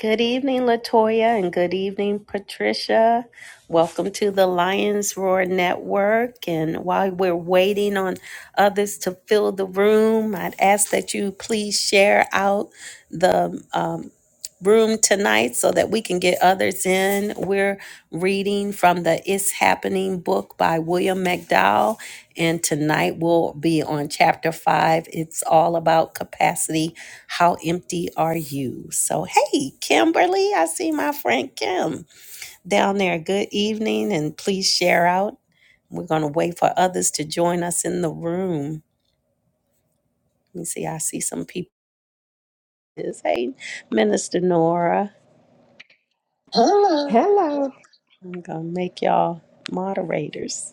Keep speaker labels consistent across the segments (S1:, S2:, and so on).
S1: Good evening, Latoya, and good evening, Patricia. Welcome to the Lions Roar Network. And while we're waiting on others to fill the room, I'd ask that you please share out the um, room tonight so that we can get others in. We're reading from the It's Happening book by William McDowell, and tonight we'll be on chapter five. It's all about capacity. How empty are you? So, hey, Kimberly, I see my friend Kim down there. Good evening, and please share out. We're going to wait for others to join us in the room. Let me see, I see some people. Hey, Minister Nora.
S2: Hello.
S1: I'm gonna make y'all moderators.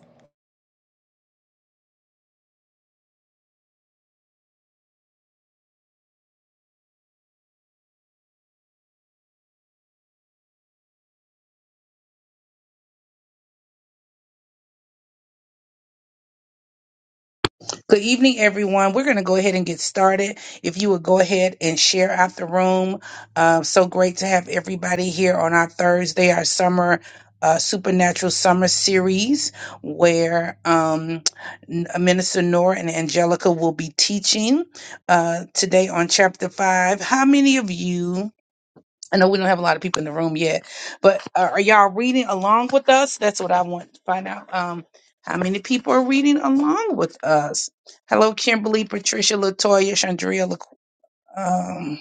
S3: Good evening, everyone. We're going to go ahead and get started. If you would go ahead and share out the room. Uh, so great to have everybody here on our Thursday, our summer. Uh, supernatural summer series where um, N- minister nora and angelica will be teaching uh, today on chapter 5 how many of you I know we don't have a lot of people in the room yet, but uh, are y'all reading along with us? That's what I want to find out. Um, how many people are reading along with us? Hello, Kimberly, Patricia, Latoya, Chandria, La- um,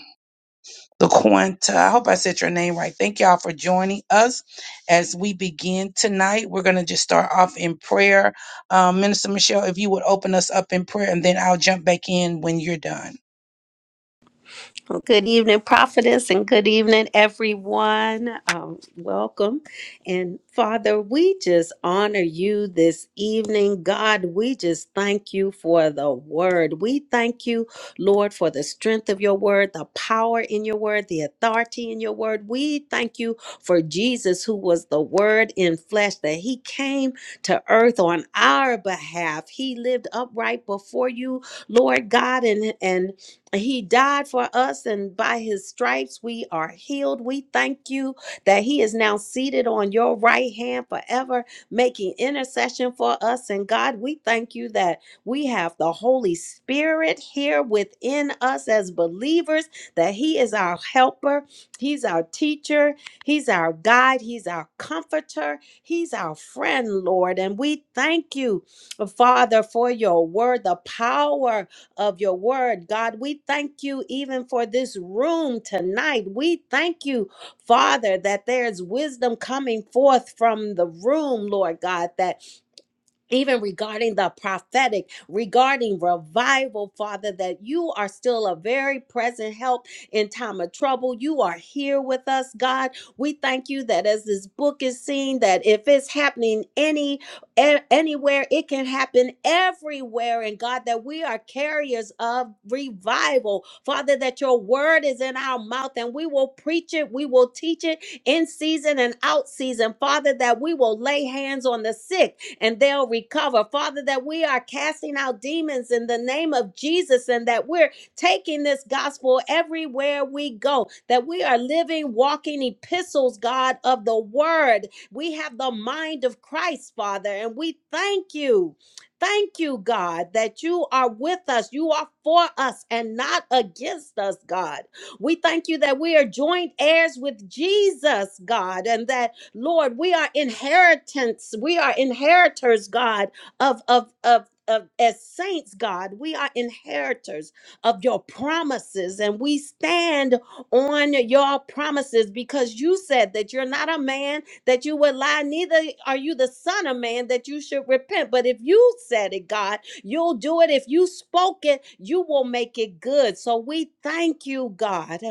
S3: LaQuanta. I hope I said your name right. Thank y'all for joining us as we begin tonight. We're going to just start off in prayer. Um, Minister Michelle, if you would open us up in prayer, and then I'll jump back in when you're done.
S1: Well, Good evening, prophetess, and good evening, everyone. Um, welcome. And Father, we just honor you this evening. God, we just thank you for the word. We thank you, Lord, for the strength of your word, the power in your word, the authority in your word. We thank you for Jesus, who was the word in flesh, that he came to earth on our behalf. He lived upright before you, Lord God, and, and he died for us, and by his stripes we are healed. We thank you that he is now seated on your right hand forever, making intercession for us. And God, we thank you that we have the Holy Spirit here within us as believers, that he is our helper, he's our teacher, he's our guide, he's our comforter, he's our friend, Lord. And we thank you, Father, for your word, the power of your word. God, we thank you even for this room tonight. We thank you, Father, that there's wisdom coming forth from the room, Lord God, that even regarding the prophetic, regarding revival, Father, that you are still a very present help in time of trouble. You are here with us, God. We thank you that as this book is seen, that if it's happening any a- anywhere, it can happen everywhere. And God, that we are carriers of revival. Father, that your word is in our mouth and we will preach it, we will teach it in season and out season. Father, that we will lay hands on the sick and they'll recover. Father, that we are casting out demons in the name of Jesus and that we're taking this gospel everywhere we go, that we are living, walking epistles, God, of the word. We have the mind of Christ, Father, and we thank you. Thank you, God, that you are with us. You are for us and not against us, God. We thank you that we are joint heirs with Jesus, God, and that Lord, we are inheritance. We are inheritors, God, of of of of as saints, God, we are inheritors of your promises, and we stand on your promises because you said that you're not a man that you would lie, neither are you the son of man that you should repent. But if you said it, God, you'll do it. If you spoke it, you will make it good. So we thank you, God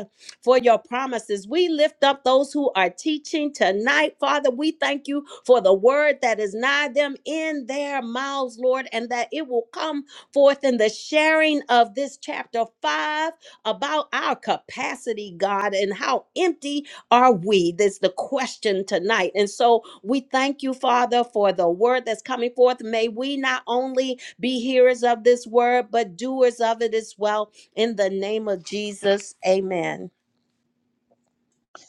S1: for your promises. We lift up those who are teaching tonight, Father. We thank you for the word that is nigh them in their mouths, Lord, and that it will come forth in the sharing of this chapter five about our capacity, God, and how empty are we? That's the question tonight. And so we thank you, Father, for the word that's coming forth. May we not only be hearers of this word, but doers of it as well. In the name of Jesus, amen.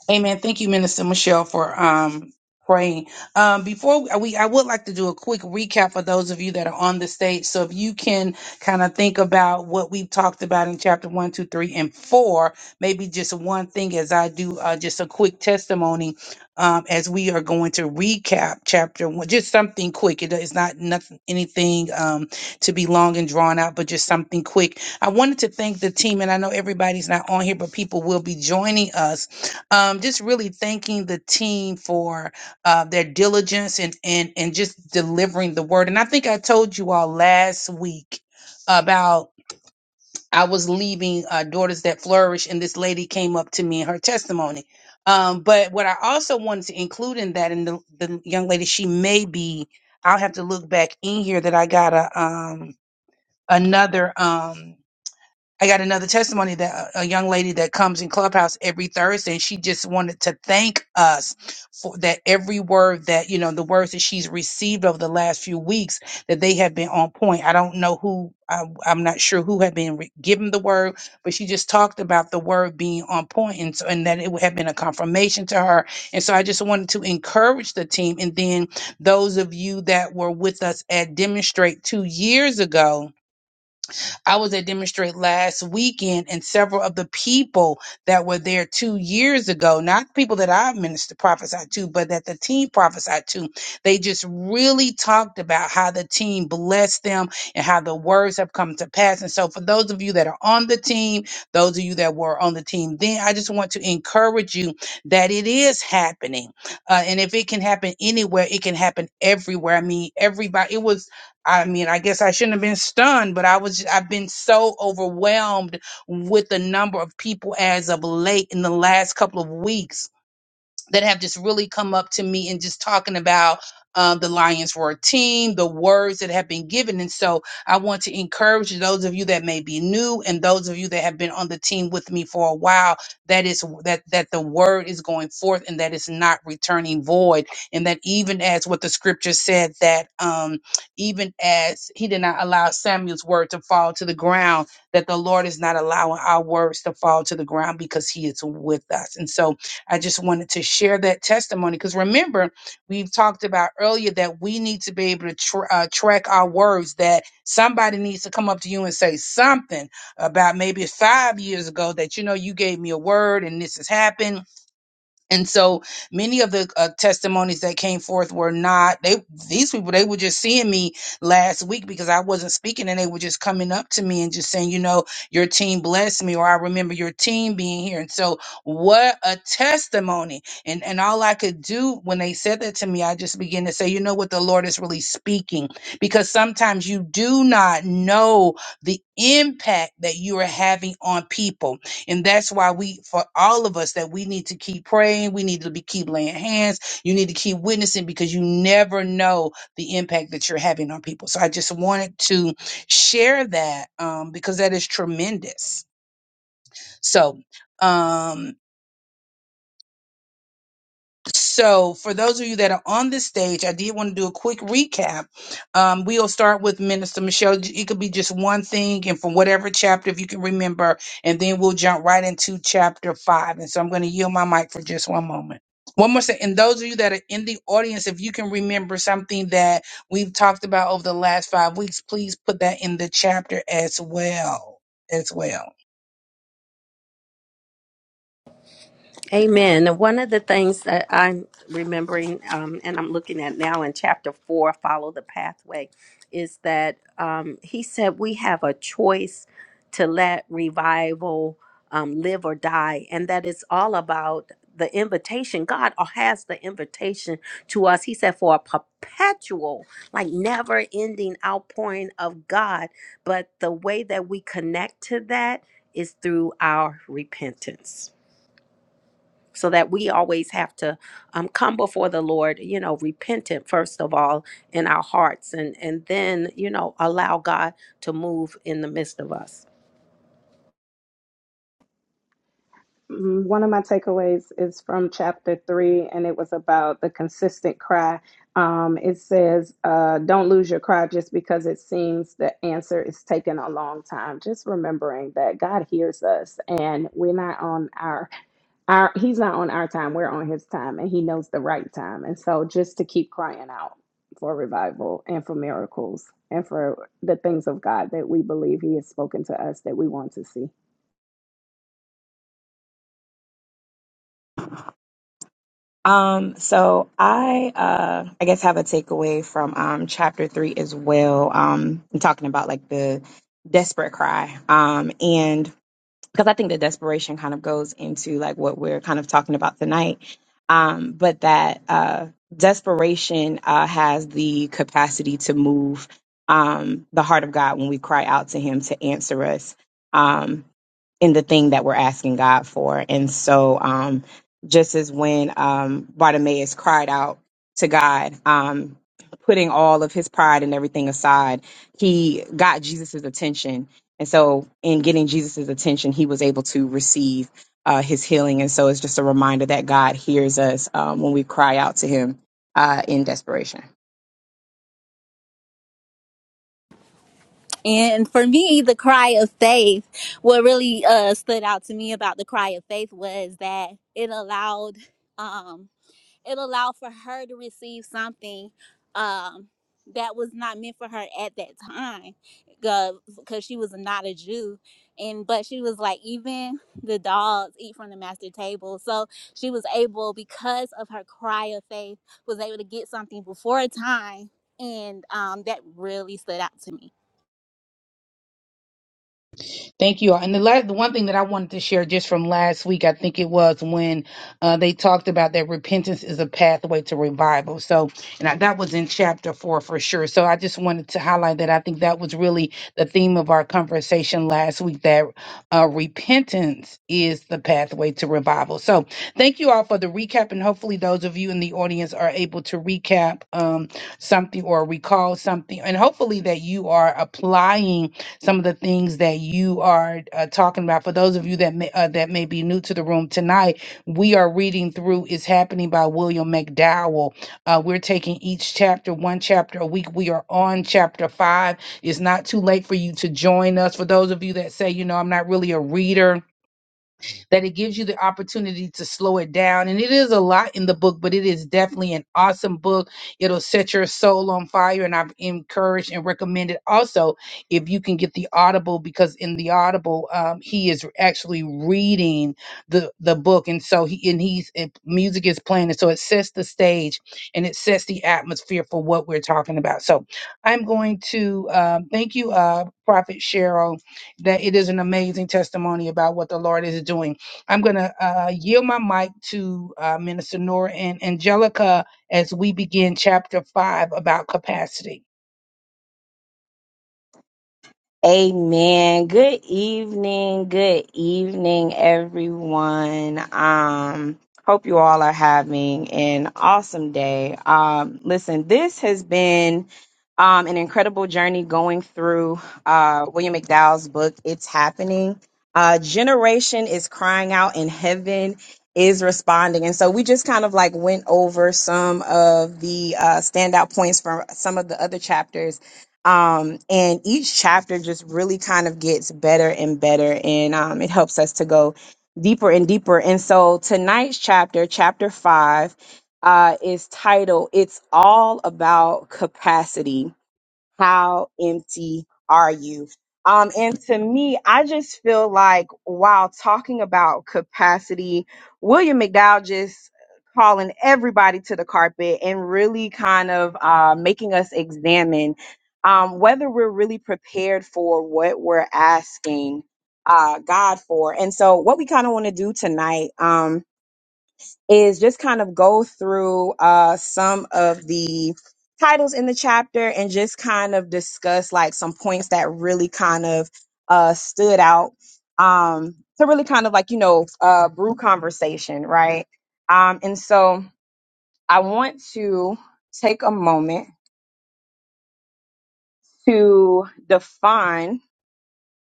S3: Amen. Thank you, Minister Michelle, for um praying. Um, before we, I would like to do a quick recap for those of you that are on the stage. So if you can kind of think about what we've talked about in chapter one, two, three, and four, maybe just one thing as I do, uh, just a quick testimony. Um, as we are going to recap chapter one, just something quick. It is not nothing, anything um, to be long and drawn out, but just something quick. I wanted to thank the team, and I know everybody's not on here, but people will be joining us um, just really thanking the team for uh, their diligence and and and just delivering the word. And I think I told you all last week about I was leaving uh, Daughters That Flourish, and this lady came up to me and her testimony. Um, but what I also wanted to include in that, and the, the young lady, she may be. I'll have to look back in here that I got a um another um I got another testimony that a a young lady that comes in Clubhouse every Thursday, and she just wanted to thank us for that every word that, you know, the words that she's received over the last few weeks, that they have been on point. I don't know who, I, I'm not sure who had been re- given the word, but she just talked about the word being on point and, so, and that it would have been a confirmation to her. And so I just wanted to encourage the team. And then those of you that were with us at Demonstrate two years ago, I was at Demonstrate last weekend, and several of the people that were there two years ago, not people that I minister prophesied to, but that the team prophesied to, they just really talked about how the team blessed them and how the words have come to pass. And so, for those of you that are on the team, those of you that were on the team then, I just want to encourage you that it is happening. Uh, and if it can happen anywhere, it can happen everywhere. I mean, everybody, it was I mean, I guess I shouldn't have been stunned, but I was, I've been so overwhelmed with the number of people as of late in the last couple of weeks that have just really come up to me and just talking about um, the Lions Roar team, the words that have been given. And so I want to encourage those of you that may be new and those of you that have been on the team with me for a while, that is that that the word is going forth and that it's not returning void. And that even as what the scripture said, that um, even as he did not allow Samuel's word to fall to the ground, that the Lord is not allowing our words to fall to the ground because he is with us. And so I just wanted to share that testimony because remember, we've talked about earlier that we need to be able to tr uh, track our words, that somebody needs to come up to you and say something about maybe five years ago that, you know, you gave me a word and this has happened and so many of the uh, testimonies that came forth were not they these people they were just seeing me last week because I wasn't speaking and they were just coming up to me and just saying, you know, your team blessed me or I remember your team being here. And so what a testimony. And and all I could do when they said that to me, I just began to say, you know what the Lord is really speaking because sometimes you do not know the impact that you are having on people and that's why we, for all of us, that we need to keep praying. We need to be keep laying hands. You need to keep witnessing because you never know the impact that you're having on people. So I just wanted to share that um, because that is tremendous. So, um, So, for those of you that are on this stage, I did want to do a quick recap. Um, we'll start with Minister Michelle. It could be just one thing and from whatever chapter, if you can remember, and then we'll jump right into chapter five. And so, I'm going to yield my mic for just one moment. One more thing, and those of you that are in the audience, if you can remember something that we've talked about over the last five weeks, please put that in the chapter as well. As well.
S1: Amen. And One of the things that I'm remembering um, and I'm looking at now in chapter four, Follow the Pathway, is that um, he said we have a choice to let revival um, live or die. And that it's all about the invitation. God has the invitation to us. He said for a perpetual, like never ending outpouring of God. But the way that we connect to that is through our repentance so that we always have to um, come before the lord you know repentant first of all in our hearts and and then you know allow god to move in the midst of us
S2: Mm, One of my takeaways is from chapter three, and it was about the consistent cry. Um, it says, uh, Don't lose your cry just because it seems the answer is taking a long time. Just remembering that God hears us and we're not on our, our He's not on our time, we're on His time, and He knows the right time. And so just to keep crying out for revival and for miracles and for the things of God that we believe He has spoken to us that we want to see.
S4: Um, so I uh I guess have a takeaway from um chapter three as well. Um I'm talking about like the desperate cry. Um and because I think the desperation kind of goes into like what we're kind of talking about tonight. Um, but that uh desperation uh has the capacity to move um the heart of God when we cry out to him to answer us. Um in the thing that we're asking God for. And so, um, just as when um, Bartimaeus cried out to God, um, putting all of his pride and everything aside, he got Jesus's attention. And so, in getting Jesus's attention, he was able to receive uh, his healing. And so, it's just a reminder that God hears us um, when we cry out to Him uh, in desperation.
S5: And for me, the cry of faith, what really uh, stood out to me about the cry of faith was that it allowed, um, it allowed for her to receive something um, that was not meant for her at that time, because she was not a Jew. And but she was like, even the dogs eat from the master table. So she was able, because of her cry of faith, was able to get something before time, and um, that really stood out to me.
S3: Thank you all. And the last, the one thing that I wanted to share just from last week, I think it was when uh, they talked about that repentance is a pathway to revival. So, and I, that was in chapter four for sure. So I just wanted to highlight that. I think that was really the theme of our conversation last week that uh, repentance is the pathway to revival. So thank you all for the recap. And hopefully those of you in the audience are able to recap um, something or recall something. And hopefully that you are applying some of the things that you are uh, talking about. For those of you that may, uh, that may be new to the room tonight, we are reading through "It's Happening" by William McDowell. Uh, we're taking each chapter, one chapter a week. We are on chapter five. It's not too late for you to join us. For those of you that say, you know, I'm not really a reader that it gives you the opportunity to slow it down. And it is a lot in the book, but it is definitely an awesome book. It'll set your soul on fire. And I've encouraged and recommended also if you can get the Audible, because in the Audible, um, he is actually reading the, the book. And so he, and he's, and music is playing. And so it sets the stage and it sets the atmosphere for what we're talking about. So I'm going to um, thank you, uh, Prophet Cheryl, that it is an amazing testimony about what the Lord is doing. I'm going to uh, yield my mic to uh, Minister Nora and Angelica as we begin chapter five about capacity.
S4: Amen. Good evening. Good evening, everyone. Um, hope you all are having an awesome day. Um, listen, this has been um, an incredible journey going through uh, William McDowell's book, It's Happening. Uh, Generation is crying out, and heaven is responding. And so we just kind of like went over some of the uh, standout points from some of the other chapters um, and each chapter just really kind of gets better and better, and um, it helps us to go deeper and deeper. And so tonight's chapter, chapter five, uh, is titled It's All About Capacity how empty are you? Um, and to me, I just feel like while talking about capacity, William McDowell just calling everybody to the carpet and really kind of uh, making us examine um, whether we're really prepared for what we're asking uh, God for. And so, what we kind of want to do tonight, um, is just kind of go through uh, some of the titles in the chapter and just kind of discuss like some points that really kind of uh, stood out um, to really kind of like, you know, uh, brew conversation, right? Um, and so I want to take a moment to define.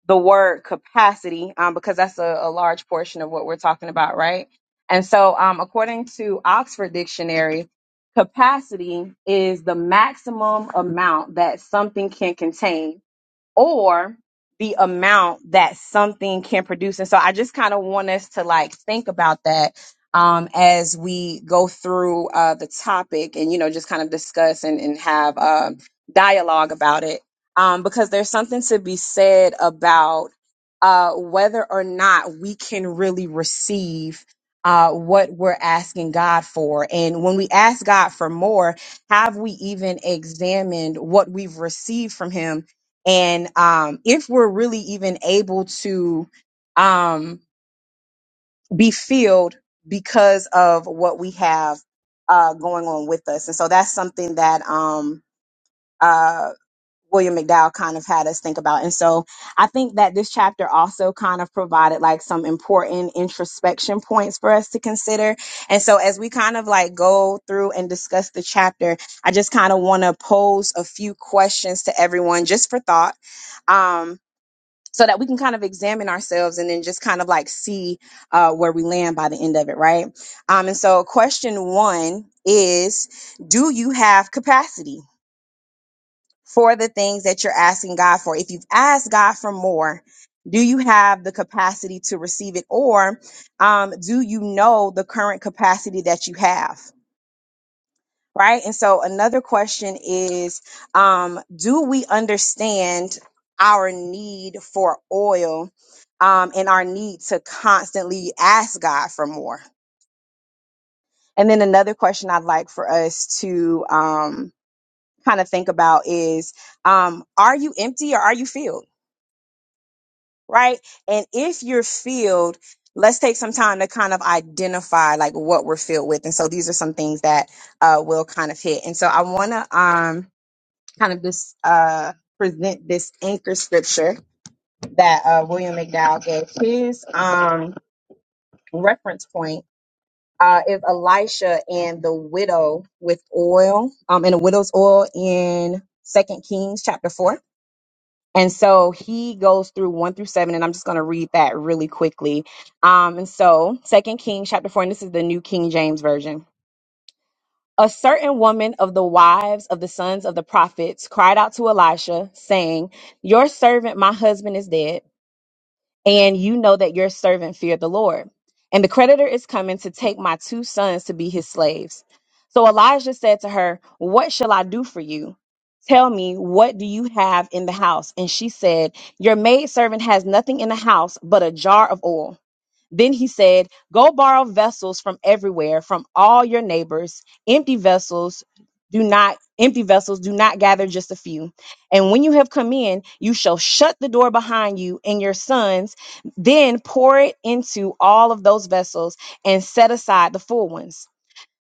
S4: the word capacity um, because that's a, a large portion of what we're talking about, right? And so, um, according to Oxford Dictionary, capacity is the maximum amount that something can contain or the amount that something can produce. And so I just kind of want us to like think about that um, as we go through uh, the topic and, you know, just kind of discuss and, and have um dialogue about it. Um, because there's something to be said about uh, whether or not we can really receive uh, what we're asking God for. And when we ask God for more, have we even examined what we've received from Him? And um, if we're really even able to um, be filled because of what we have uh, going on with us. And so that's something that um, uh, William McDowell kind of had us think about. And so I think that this chapter also kind of provided like some important introspection points for us to consider. And so as we kind of like go through and discuss the chapter, I just kind of want to pose a few questions to everyone just for thought. Um, so that we can kind of examine ourselves and then just kind of like see uh, where we land by the end of it, right? Um, and so, question one is Do you have capacity for the things that you're asking God for? If you've asked God for more, do you have the capacity to receive it, or um, do you know the current capacity that you have? right? And so another question is um, do we understand our need for oil um, and our need to constantly ask God for more? And then another question I'd like for us to um, kind of think about is um, are you empty or are you filled, right? And if you're filled, let's take some time to kind of identify like what we're filled with and so these are some things that uh, will kind of hit and so i want to um, kind of this uh present this anchor scripture that uh William McDowell gave. His um reference point uh is Elisha and the widow with oil, um and the widow's oil in Second Kings chapter four. And so he goes through one through seven, and I'm just going to read that really quickly. Um, and so Second Kings chapter four, and this is the New King James version. A certain woman of the wives of the sons of the prophets cried out to Elisha, saying, Your servant, my husband, is dead, and you know that your servant feared the Lord. And the creditor is coming to take my two sons to be his slaves. So Elijah said to her, What shall I do for you? Tell me, what do you have in the house? And she said, Your maidservant has nothing in the house but a jar of oil then he said, Go borrow vessels from everywhere, from all your neighbors. Empty vessels do not, empty vessels do not gather just a few. And when you have come in, you shall shut the door behind you and your sons, then pour it into all of those vessels and set aside the full ones.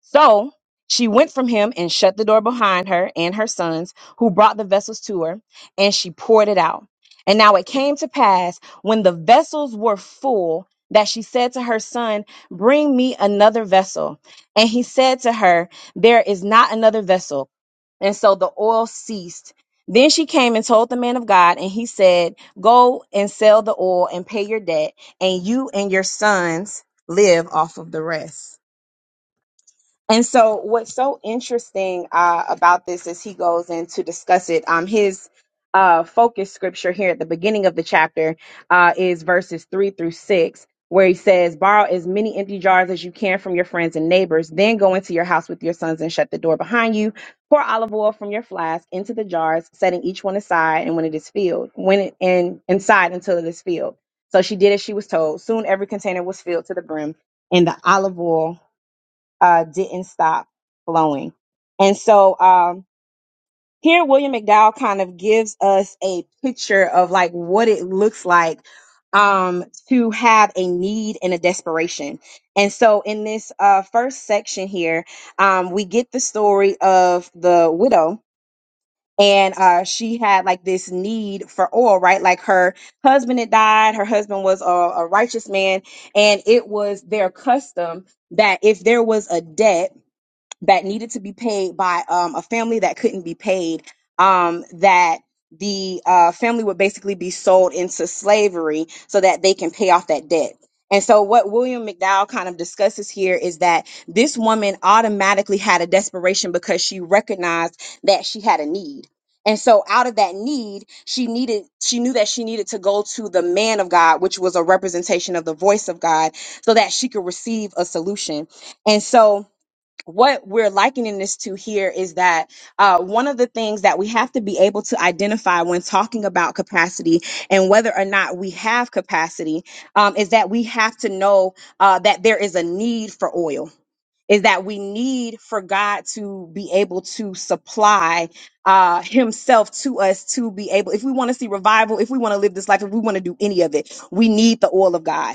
S4: So she went from him and shut the door behind her and her sons, who brought the vessels to her, and she poured it out. And now it came to pass when the vessels were full that she said to her son, Bring me another vessel. And he said to her, There is not another vessel. And so the oil ceased. Then she came and told the man of God, and he said, Go and sell the oil and pay your debt, and you and your sons live off of the rest. And so, what's so interesting uh, about this is he goes in to discuss it. Um, his uh, focus scripture here at the beginning of the chapter uh, is verses three through six, where he says, Borrow as many empty jars as you can from your friends and neighbors, then go into your house with your sons and shut the door behind you. Pour olive oil from your flask into the jars, setting each one aside, and when it is filled, when it and inside until it is filled. So she did as she was told. Soon every container was filled to the brim, and the olive oil uh, didn't stop flowing. And so um, here, William McDowell kind of gives us a picture of like what it looks like um, to have a need and a desperation. And so in this uh, first section here, um, we get the story of the widow. And uh, she had like this need for oil, right? Like her husband had died. Her husband was a, a righteous man, and it was their custom that if there was a debt that needed to be paid by um, a family that couldn't be paid, um, that the uh, family would basically be sold into slavery so that they can pay off that debt. And so, what William McDowell kind of discusses here is that this woman automatically had a desperation because she recognized that she had a need. And so, out of that need, she needed, she knew that she needed to go to the man of God, which was a representation of the voice of God, so that she could receive a solution. And so, what we're likening this to here is that uh, one of the things that we have to be able to identify when talking about capacity and whether or not we have capacity um, is that we have to know uh, that there is a need for oil. Is that we need for God to be able to supply uh, Himself to us to be able, if we want to see revival, if we want to live this life, if we want to do any of it, we need the oil of God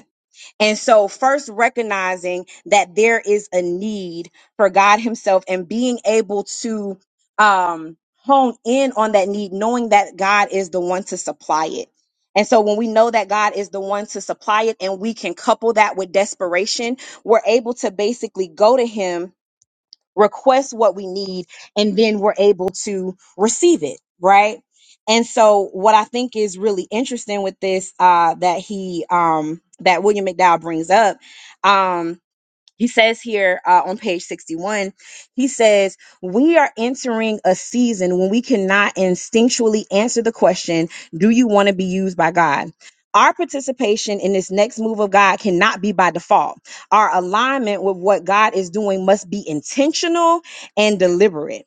S4: and so, first recognizing that there is a need for God Himself and being able to um, hone in on that need, knowing that God is the one to supply it. And so, when we know that God is the one to supply it and we can couple that with desperation, we're able to basically go to Him request what we need, and then we're able to receive it, right? And so, what I think is really interesting with this uh, that he um, that William McDowell brings up um, he says here uh, on page 61 he says we are entering a season when we cannot instinctually answer the question do you want to be used by god our participation in this next move of God cannot be by default. Our alignment with what God is doing must be intentional and deliberate.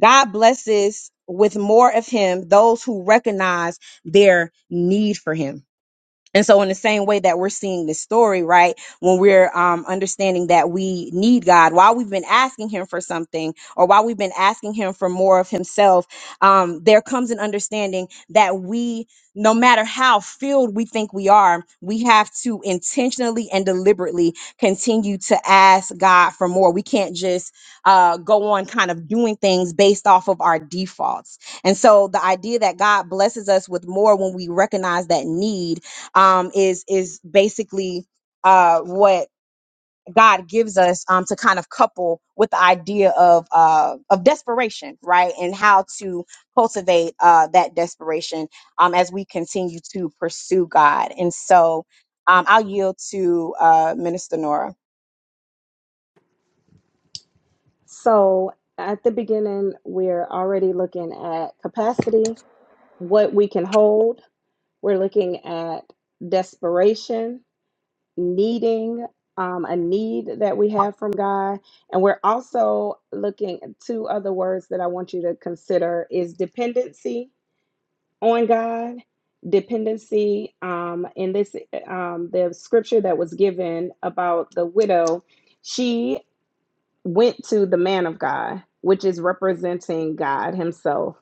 S4: God blesses with more of Him those who recognize their need for Him. And so, in the same way that we're seeing this story, right, when we're um, understanding that we need God, while we've been asking Him for something, or while we've been asking Him for more of Himself, um, there comes an understanding that we, no matter how filled we think we are, we have to intentionally and deliberately continue to ask God for more. We can't just uh, go on kind of doing things based off of our defaults. And so, the idea that God blesses us with more when we recognize that need um, is is basically uh, what God gives us um, to kind of couple with the idea of uh, of desperation, right? And how to cultivate uh, that desperation um, as we continue to pursue God. And so, um, I'll yield to uh, Minister Nora.
S2: So at the beginning, we're already looking at capacity, what we can hold. We're looking at desperation, needing um, a need that we have from God. And we're also looking at two other words that I want you to consider is dependency on God. Dependency um, in this um, the scripture that was given about the widow, she went to the man of God, which is representing God Himself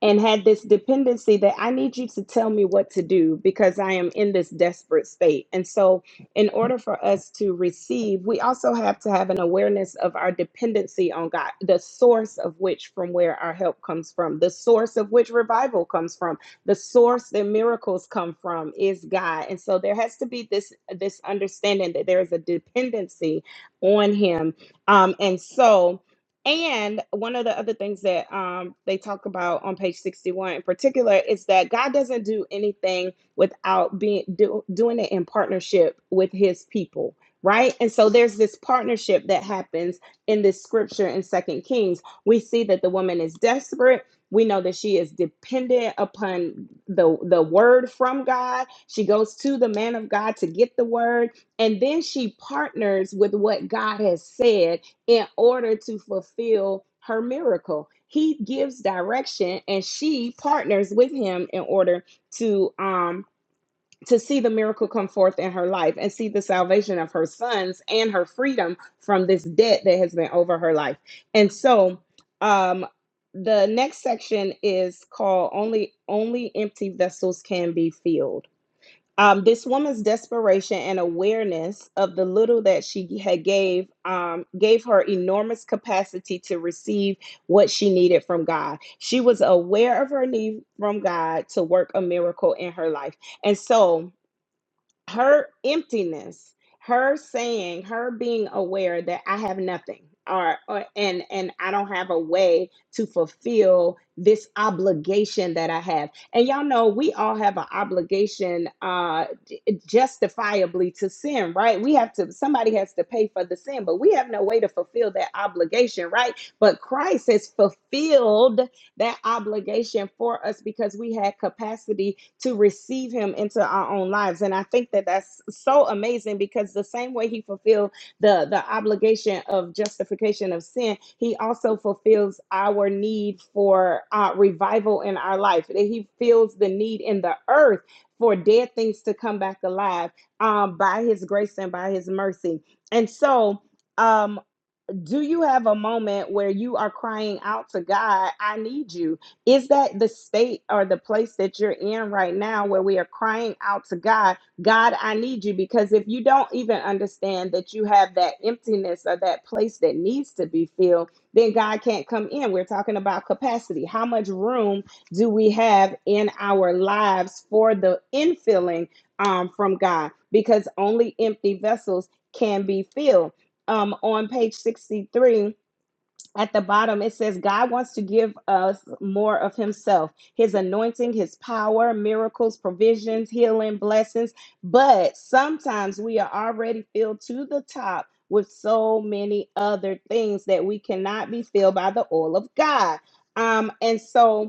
S2: and had this dependency that I need you to tell me what to do because I am in this desperate state. And so, in order for us to receive, we also have to have an awareness of our dependency on God, the source of which from where our help comes from, the source of which revival comes from, the source that miracles come from is God. And so there has to be this this understanding that there is a dependency on him. Um and so and one of the other things that um, they talk about on page 61 in particular is that God doesn't do anything without being do, doing it in partnership with his people, right? And so there's this partnership that happens in this scripture in Second Kings. We see that the woman is desperate. We know that she is dependent upon the, the word from God. She goes to the man of God to get the word, and then she partners with what God has said in order to fulfill her miracle. He gives direction and she partners with him in order to um to see the miracle come forth in her life and see the salvation of her sons and her freedom from this debt that has been over her life. And so um the next section is called only only empty vessels can be filled um, this woman's desperation and awareness of the little that she had gave um, gave her enormous capacity to receive what she needed from god she was aware of her need from god to work a miracle in her life and so her emptiness her saying her being aware that i have nothing or, or and and i don't have a way to fulfill this obligation that i have and y'all know we all have an obligation uh j- justifiably to sin right we have to somebody has to pay for the sin but we have no way to fulfill that obligation right but christ has fulfilled that obligation for us because we had capacity to receive him into our own lives. And I think that that's so amazing because the same way he fulfilled the, the obligation of justification of sin, he also fulfills our need for uh, revival in our life. That He feels the need in the earth for dead things to come back alive um, by his grace and by his mercy. And so, um, do you have a moment where you are crying out to God, I need you? Is that the state or the place that you're in right now where we are crying out to God, God, I need you? Because if you don't even understand that you have that emptiness or that place that needs to be filled, then God can't come in. We're talking about capacity. How much room do we have in our lives for the infilling um, from God? Because only empty vessels can be filled um, on page 63 at the bottom it says god wants to give us more of himself his anointing his power miracles provisions healing blessings but sometimes we are already filled to the top with so many other things that we cannot be filled by the oil of god um, and so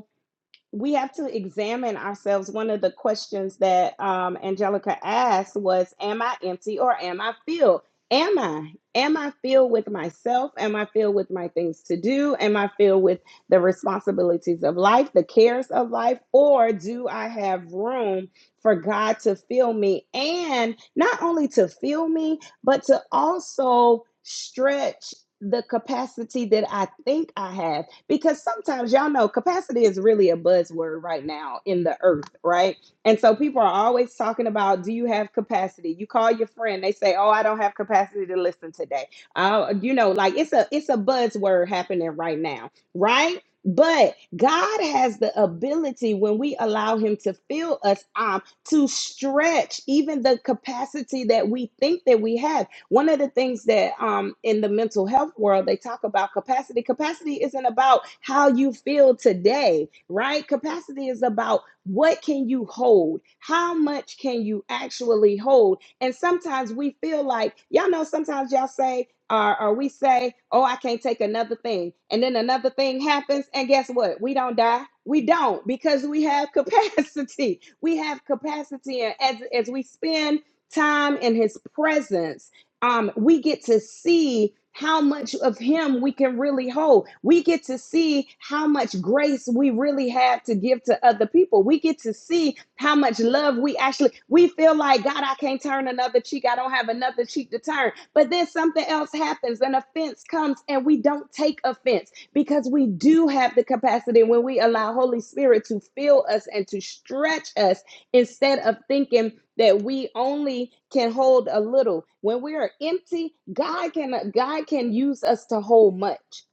S2: we have to examine ourselves. One of the questions that um, Angelica asked was, Am I empty or am I filled? Am I? Am I filled with myself? Am I filled with my things to do? Am I filled with the responsibilities of life, the cares of life? Or do I have room for God to fill me? And not only to fill me, but to also stretch the capacity that I think I have because sometimes y'all know capacity is really a buzzword right now in the earth, right? And so people are always talking about, do you have capacity? You call your friend, they say, oh, I don't have capacity to listen today. Uh, you know, like it's a it's a buzzword happening right now, right? But God has the ability when we allow Him to fill us up to stretch even the capacity that we think that we have one of the things that um, in the mental health world, they talk about capacity. Capacity isn't about how you feel today, right? Capacity is about what can you hold? How much can you actually hold? And sometimes we feel like, y'all know, sometimes y'all say, or, or we say, oh, I can't take another thing. And then another thing happens. And guess what? We don't die. We don't because we have capacity. We have capacity. And as, as we spend time in his presence, um, we get to see how much of him we can really hold. We get to see how much grace we really have to give to other people. We get to see how much love we actually we feel like God, I can't turn another cheek. I don't have another cheek to turn. But then something else happens, an offense comes and we don't take offense because we do have the capacity when we allow Holy Spirit to fill us and to stretch us instead of thinking that we only can hold a little when we are empty god can god can use us to hold much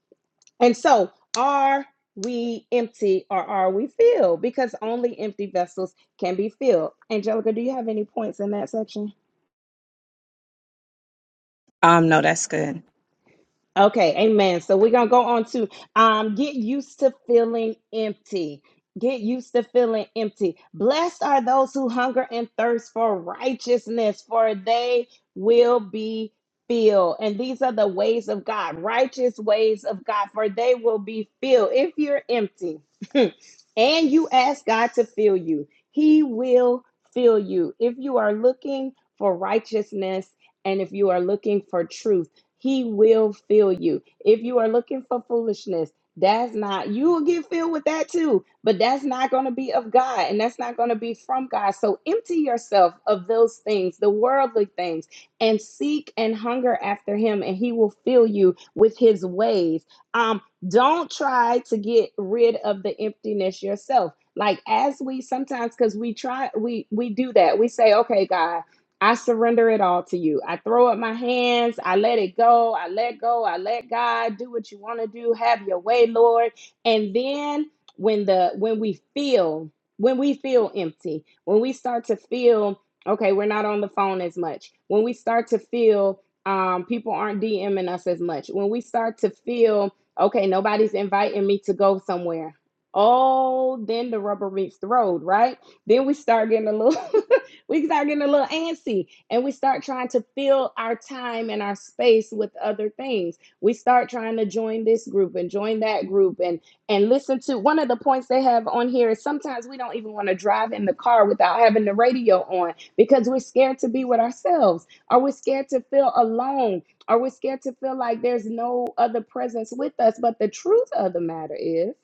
S2: and so are we empty or are we filled because only empty vessels can be filled angelica do you have any points in that section
S4: Um, no, that's good.
S2: Okay, amen. So we're gonna go on to um get used to feeling empty. Get used to feeling empty. Blessed are those who hunger and thirst for righteousness, for they will be filled. And these are the ways of God, righteous ways of God, for they will be filled. If you're empty and you ask God to fill you, He will fill you. If you are looking for righteousness and if you are looking for truth, he will fill you. If you are looking for foolishness, that's not, you will get filled with that too, but that's not going to be of God and that's not going to be from God. So empty yourself of those things, the worldly things, and seek and hunger after Him, and He will fill you with His ways. Um, don't try to get rid of the emptiness yourself. Like as we sometimes, because we try, we we do that. We say, "Okay, God." I surrender it all to you. I throw up my hands. I let it go. I let go. I let God do what you want to do. Have your way, Lord. And then when the when we feel when we feel empty, when we start to feel okay, we're not on the phone as much. When we start to feel um, people aren't DMing us as much. When we start to feel okay, nobody's inviting me to go somewhere. Oh, then the rubber meets the road, right? Then we start getting a little. we start getting a little antsy and we start trying to fill our time and our space with other things. We start trying to join this group and join that group and and listen to one of the points they have on here is sometimes we don't even want to drive in the car without having the radio on because we're scared to be with ourselves. Are we scared to feel alone? Are we scared to feel like there's no other presence with us? But the truth of the matter is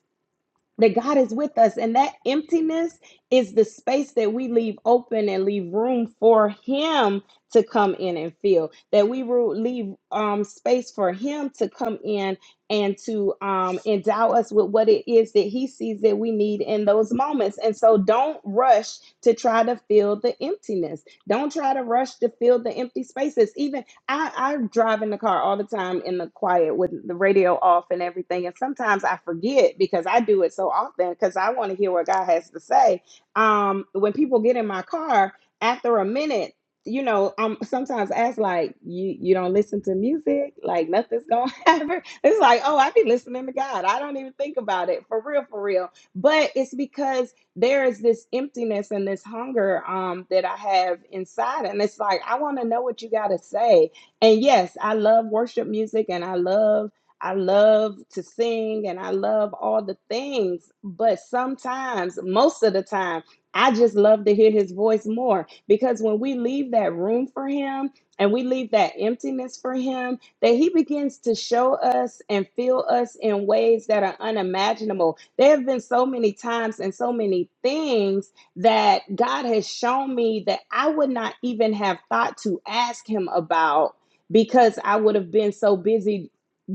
S2: that God is with us. And that emptiness is the space that we leave open and leave room for Him to come in and fill. That we ru- leave um, space for Him to come in and to um, endow us with what it is that He sees that we need in those moments. And so don't rush to try to fill the emptiness. Don't try to rush to fill the empty spaces. Even I, I drive in the car all the time in the quiet with the radio off and everything. And sometimes I forget because I do it so often because I want to hear what God has to say. Um, when people get in my car, after a minute, you know, I'm sometimes asked like, you you don't listen to music, like nothing's gonna happen. It's like, oh, I be listening to God. I don't even think about it for real, for real. But it's because there is this emptiness and this hunger um that I have inside, and it's like I want to know what you gotta say and yes i love worship music and i love i love to sing and i love all the things but sometimes most of the time i just love to hear his voice more because when we leave that room for him and we leave that emptiness for him that he begins to show us and fill us in ways that are unimaginable there have been so many times and so many things that god has shown me that i would not even have thought to ask him about because I would have been so busy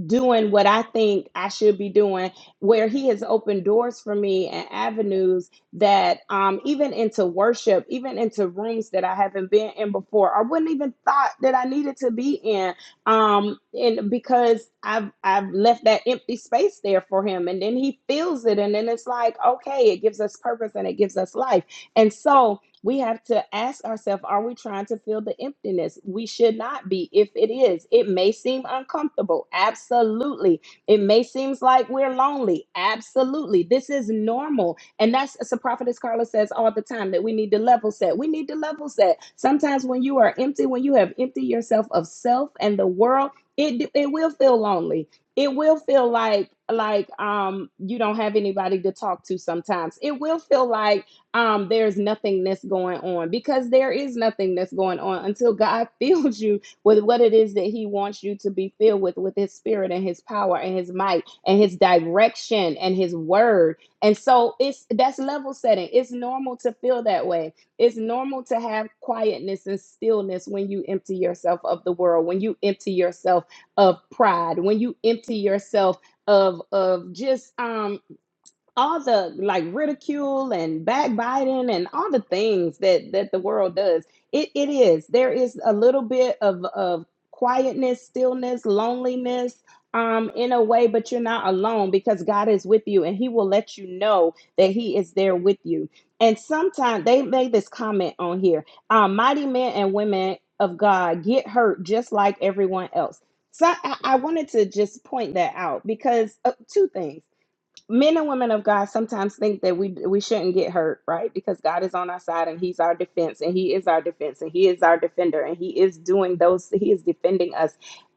S2: doing what I think I should be doing, where He has opened doors for me and avenues that um, even into worship, even into rooms that I haven't been in before, or wouldn't even thought that I needed to be in, um, and because I've I've left that empty space there for Him, and then He fills it, and then it's like okay, it gives us purpose and it gives us life, and so. We have to ask ourselves are we trying to fill the emptiness? We should not be. If it is, it may seem uncomfortable. Absolutely. It may seem like we're lonely. Absolutely. This is normal. And that's as the prophetess Carla says all the time that we need to level set. We need to level set. Sometimes when you are empty, when you have emptied yourself of self and the world, it, it will feel lonely. It will feel like like um you don't have anybody to talk to sometimes. It will feel like um, there's nothingness going on because there is nothingness going on until God fills you with what it is that He wants you to be filled with, with His Spirit and His power and His might and His direction and His word. And so it's that's level setting. It's normal to feel that way. It's normal to have quietness and stillness when you empty yourself of the world, when you empty yourself of pride, when you empty yourself of of just um all the like ridicule and backbiting and all the things that that the world does it it is there is a little bit of of quietness stillness loneliness um in a way but you're not alone because God is with you and he will let you know that he is there with you and sometimes they made this comment on here um mighty men and women of God get hurt just like everyone else so I, I wanted to just point that out because uh, two things men and women of God sometimes think that we we shouldn't get hurt, right? Because God is on our side and He's our defense, and He is our defense, and He is our defender, and He is doing those. He is defending us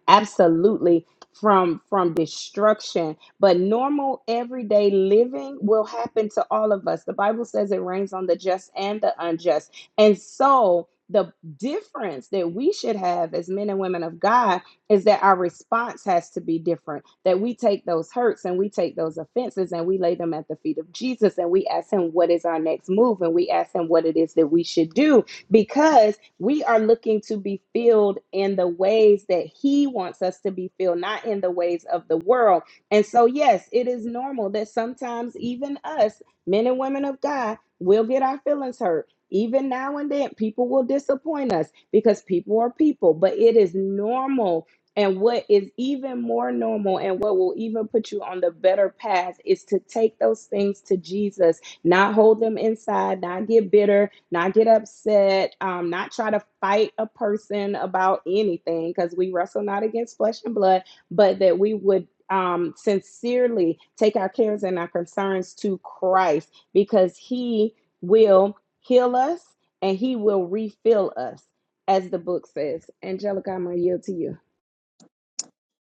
S2: absolutely from from destruction. But normal everyday living will happen to all of us. The Bible says it rains on the just and the unjust, and so. The difference that we should have as men and women of God is that our response has to be different that we take those hurts and we take those offenses and we lay them at the feet of jesus and we ask him what is our next move and we ask him what it is that we should do because we are looking to be filled in the ways that he wants us to be filled not in the ways of the world and so yes it is normal that sometimes even us men and women of god will get our feelings hurt even now and then people will disappoint us because people are people but it is normal and what is even more normal and what will even put you on the better path is to take those things to Jesus, not hold them inside, not get bitter, not get upset, um, not try to fight a person about anything because we wrestle not against flesh and blood, but that we would. Um, sincerely take our cares and our concerns to Christ because He will heal us and He will refill us, as the book says. Angelica, I'm gonna yield to you.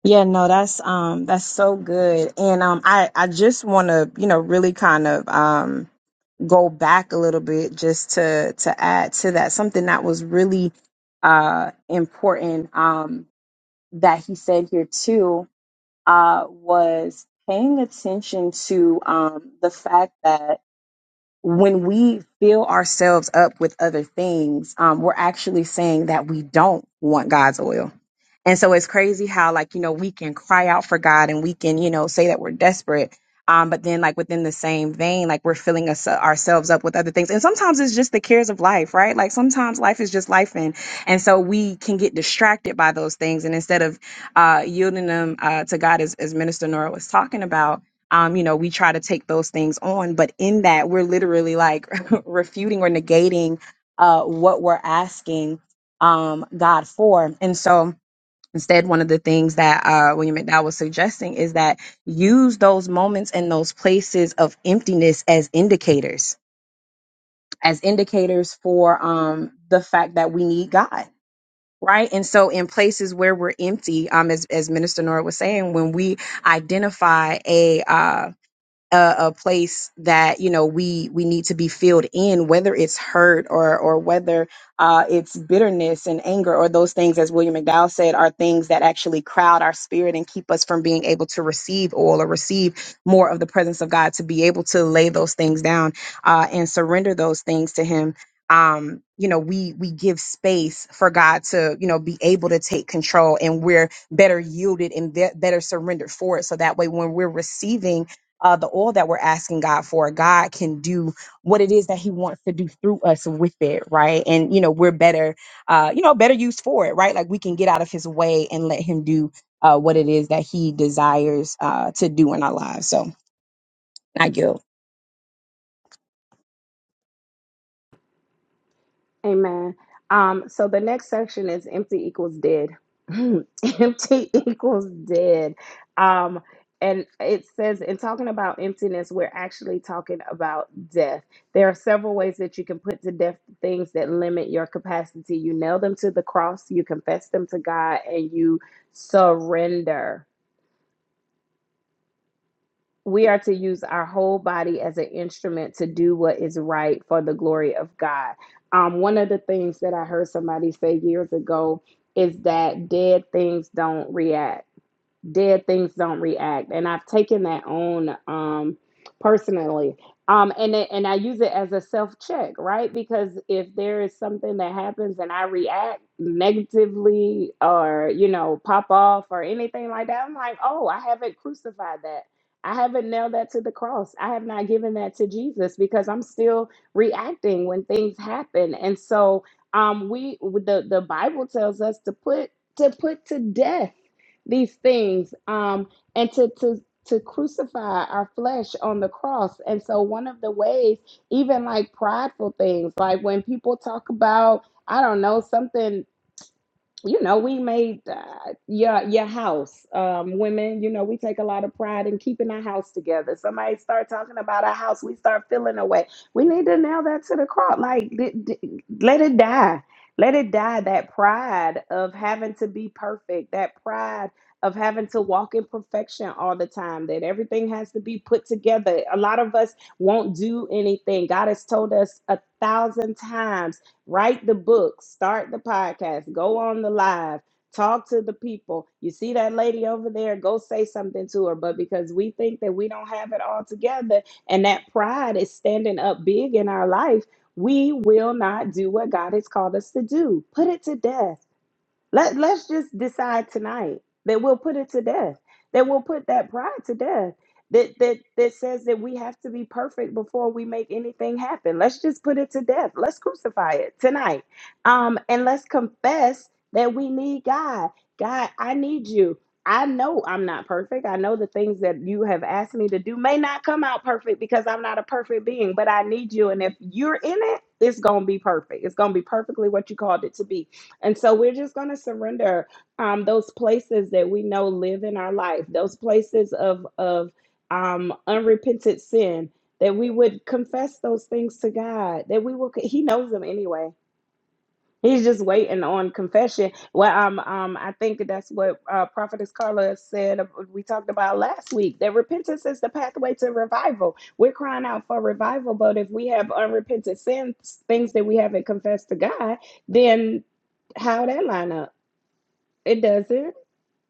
S4: Yeah, no, that's um that's so good. And um I I just want to, you know, really kind of um go back a little bit just to to add to that something that was really uh important um that he said here too uh was paying attention to um the fact that when we fill ourselves up with other things, um, we're actually saying that we don't want God's oil and so it's crazy how like, you know, we can cry out for God and we can, you know, say that we're desperate. Um, but then like within the same vein, like we're filling us ourselves up with other things. And sometimes it's just the cares of life, right? Like sometimes life is just life. And, and so we can get distracted by those things. And instead of, uh, yielding them, uh, to God as, as Minister Nora was talking about, um, you know, we try to take those things on, but in that we're literally like refuting or negating, uh, what we're asking, um, God for. And so, Instead, one of the things that uh, William McDowell was suggesting is that use those moments and those places of emptiness as indicators, as indicators for um, the fact that we need God. Right. And so in places where we're empty, um, as, as Minister Nora was saying, when we identify a, uh, a, a place that you know we we need to be filled in whether it's hurt or or whether uh, it's bitterness and anger or those things as william mcdowell said are things that actually crowd our spirit and keep us from being able to receive oil or receive more of the presence of god to be able to lay those things down uh, and surrender those things to him um you know we we give space for god to you know be able to take control and we're better yielded and be- better surrendered for it so that way when we're receiving uh, the oil that we're asking God for, God can do what it is that He wants to do through us with it, right? And you know, we're better, uh, you know, better used for it, right? Like we can get out of His way and let Him do uh, what it is that He desires uh, to do in our lives. So, I yield.
S2: Amen. Um, so the next section is empty equals dead. empty equals dead. Um, and it says in talking about emptiness, we're actually talking about death. There are several ways that you can put to death things that limit your capacity. You nail them to the cross, you confess them to God, and you surrender we are to use our whole body as an instrument to do what is right for the glory of God. Um, one of the things that I heard somebody say years ago is that dead things don't react dead things don't react and i've taken that on um personally um and it, and i use it as a self check right because if there is something that happens and i react negatively or you know pop off or anything like that i'm like oh i haven't crucified that i haven't nailed that to the cross i have not given that to jesus because i'm still reacting when things happen and so um we the the bible tells us to put to put to death these things um, and to to to crucify our flesh on the cross and so one of the ways even like prideful things like when people talk about i don't know something you know, we made uh, your your house, um, women. You know, we take a lot of pride in keeping our house together. Somebody start talking about our house, we start feeling away. We need to nail that to the cross. Like, d- d- let it die. Let it die. That pride of having to be perfect. That pride of having to walk in perfection all the time. That everything has to be put together. A lot of us won't do anything. God has told us a thousand times write the book, start the podcast, go on the live, talk to the people. You see that lady over there, go say something to her. But because we think that we don't have it all together and that pride is standing up big in our life, we will not do what God has called us to do. Put it to death. Let let's just decide tonight that we'll put it to death. That we'll put that pride to death. That that that says that we have to be perfect before we make anything happen. Let's just put it to death. Let's crucify it tonight. Um, and let's confess that we need God. God, I need you. I know I'm not perfect. I know the things that you have asked me to do may not come out perfect because I'm not a perfect being, but I need you. And if you're in it, it's going to be perfect. It's going to be perfectly what you called it to be. And so we're just going to surrender um, those places that we know live in our life, those places of of um, unrepented sin, that we would confess those things to God, that we will. He knows them anyway He's just waiting on confession. Well, um, um, I think that's what uh, Prophetess Carla said. uh, We talked about last week that repentance is the pathway to revival. We're crying out for revival, but if we have unrepented sins, things that we haven't confessed to God, then how that line up? It doesn't.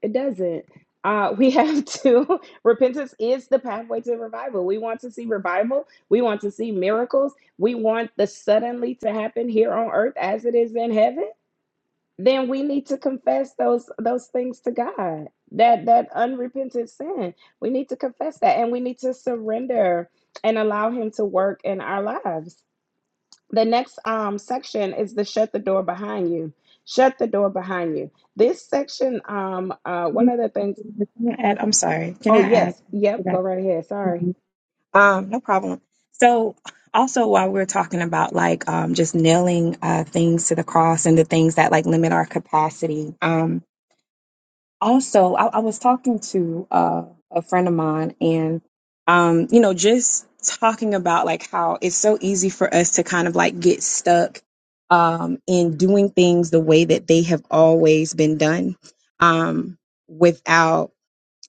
S2: It doesn't. Uh, we have to. repentance is the pathway to revival. We want to see revival. We want to see miracles. We want the suddenly to happen here on earth as it is in heaven then we need to confess those those things to God. That that unrepentant sin. We need to confess that and we need to surrender and allow him to work in our lives. The next um section is the shut the door behind you. Shut the door behind you. This section um uh one
S4: Can
S2: of the things
S4: I add? I'm sorry. Can
S2: Oh
S4: I add
S2: yes. Yep,
S4: to
S2: go
S4: that?
S2: right ahead. Sorry.
S4: Mhm. Um, no problem. So, also while we're talking about like um, just nailing uh, things to the cross and the things that like limit our capacity, also I, I was talking to uh, a friend of mine and um you know just talking about like how it's so easy for us to kind of like get stuck um in doing things the way that they have always been done um without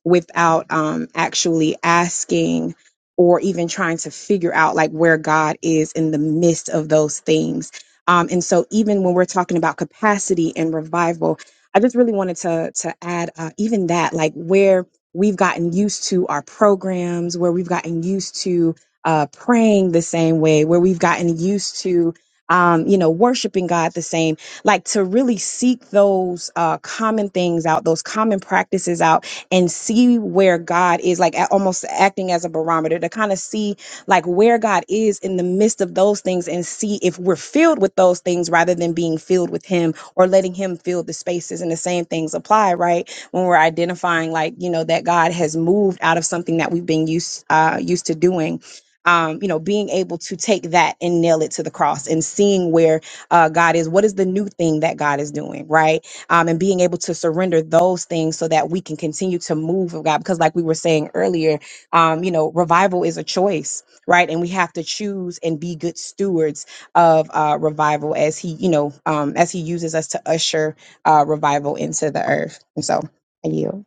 S4: without um, actually asking or even trying to figure out like where God is in the midst of those things. Um, and so, even when we're talking about capacity and revival, I just really wanted to to add uh, even that, like where we've gotten used to our programs, where we've gotten used to uh, praying the same way, where we've gotten used to um, you know worshiping God the same, like to really seek those uh, common things out, those common practices out and see where God is, like a- almost acting as a barometer to kind of see like where God is in the midst of those things and see if we're filled with those things rather than being filled with Him or letting Him fill the spaces. And the same things apply, right? When we're identifying, like you know, that God has moved out of something that we've been used uh, used to doing. Um, you know, being able to take that and nail it to the cross and seeing where uh, God is. What is the new thing that God is doing, right? um, and being able to surrender those things so that we can continue to move of God. Because, like we were saying earlier, um, you know, revival is a choice, right? And we have to choose and be good stewards of uh, revival as He, you know, um, as He uses us to usher uh, revival into the earth. And so, I yield.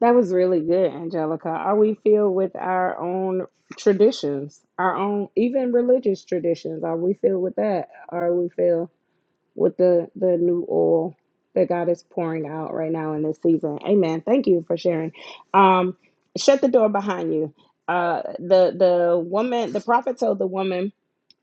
S2: That was really good, Angelica. Are we filled with our own traditions, our own even religious traditions? Are we filled with that? Are we filled with the the new oil that God is pouring out right now in this season. Amen. Thank you for sharing. Um, shut the door behind you. Uh, the the woman, the prophet told the woman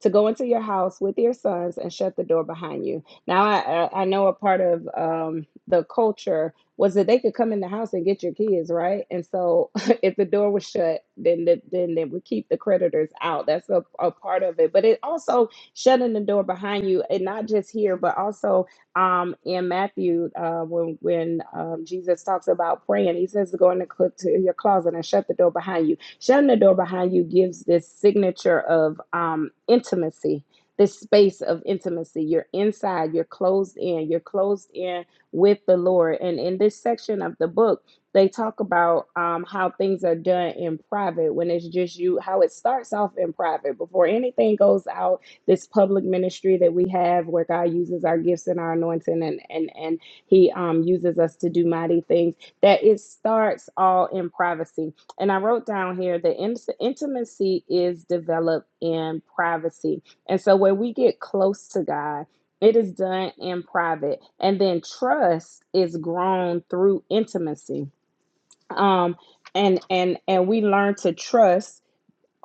S2: to go into your house with your sons and shut the door behind you. Now I I I know a part of um the culture was that they could come in the house and get your kids right, and so if the door was shut, then the, then they would keep the creditors out. That's a, a part of it, but it also shutting the door behind you, and not just here, but also um, in Matthew uh, when when um, Jesus talks about praying, he says to go in the cl- to your closet and shut the door behind you. Shutting the door behind you gives this signature of um, intimacy. This space of intimacy. You're inside, you're closed in, you're closed in with the Lord. And in this section of the book, they talk about um, how things are done in private when it's just you, how it starts off in private before anything goes out this public ministry that we have where God uses our gifts and our anointing and and and he um uses us to do mighty things that it starts all in privacy. And I wrote down here that in- intimacy is developed in privacy. And so when we get close to God, it is done in private and then trust is grown through intimacy. Um and and and we learn to trust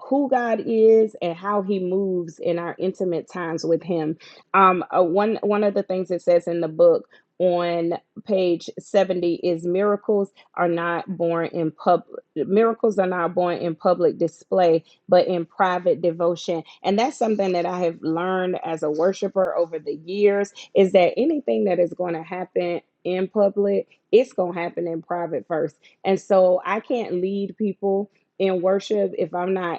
S2: who God is and how He moves in our intimate times with Him. Um, uh, one one of the things it says in the book on page 70 is miracles are not born in pub miracles are not born in public display but in private devotion and that's something that i have learned as a worshiper over the years is that anything that is going to happen in public it's going to happen in private first and so i can't lead people in worship if I'm not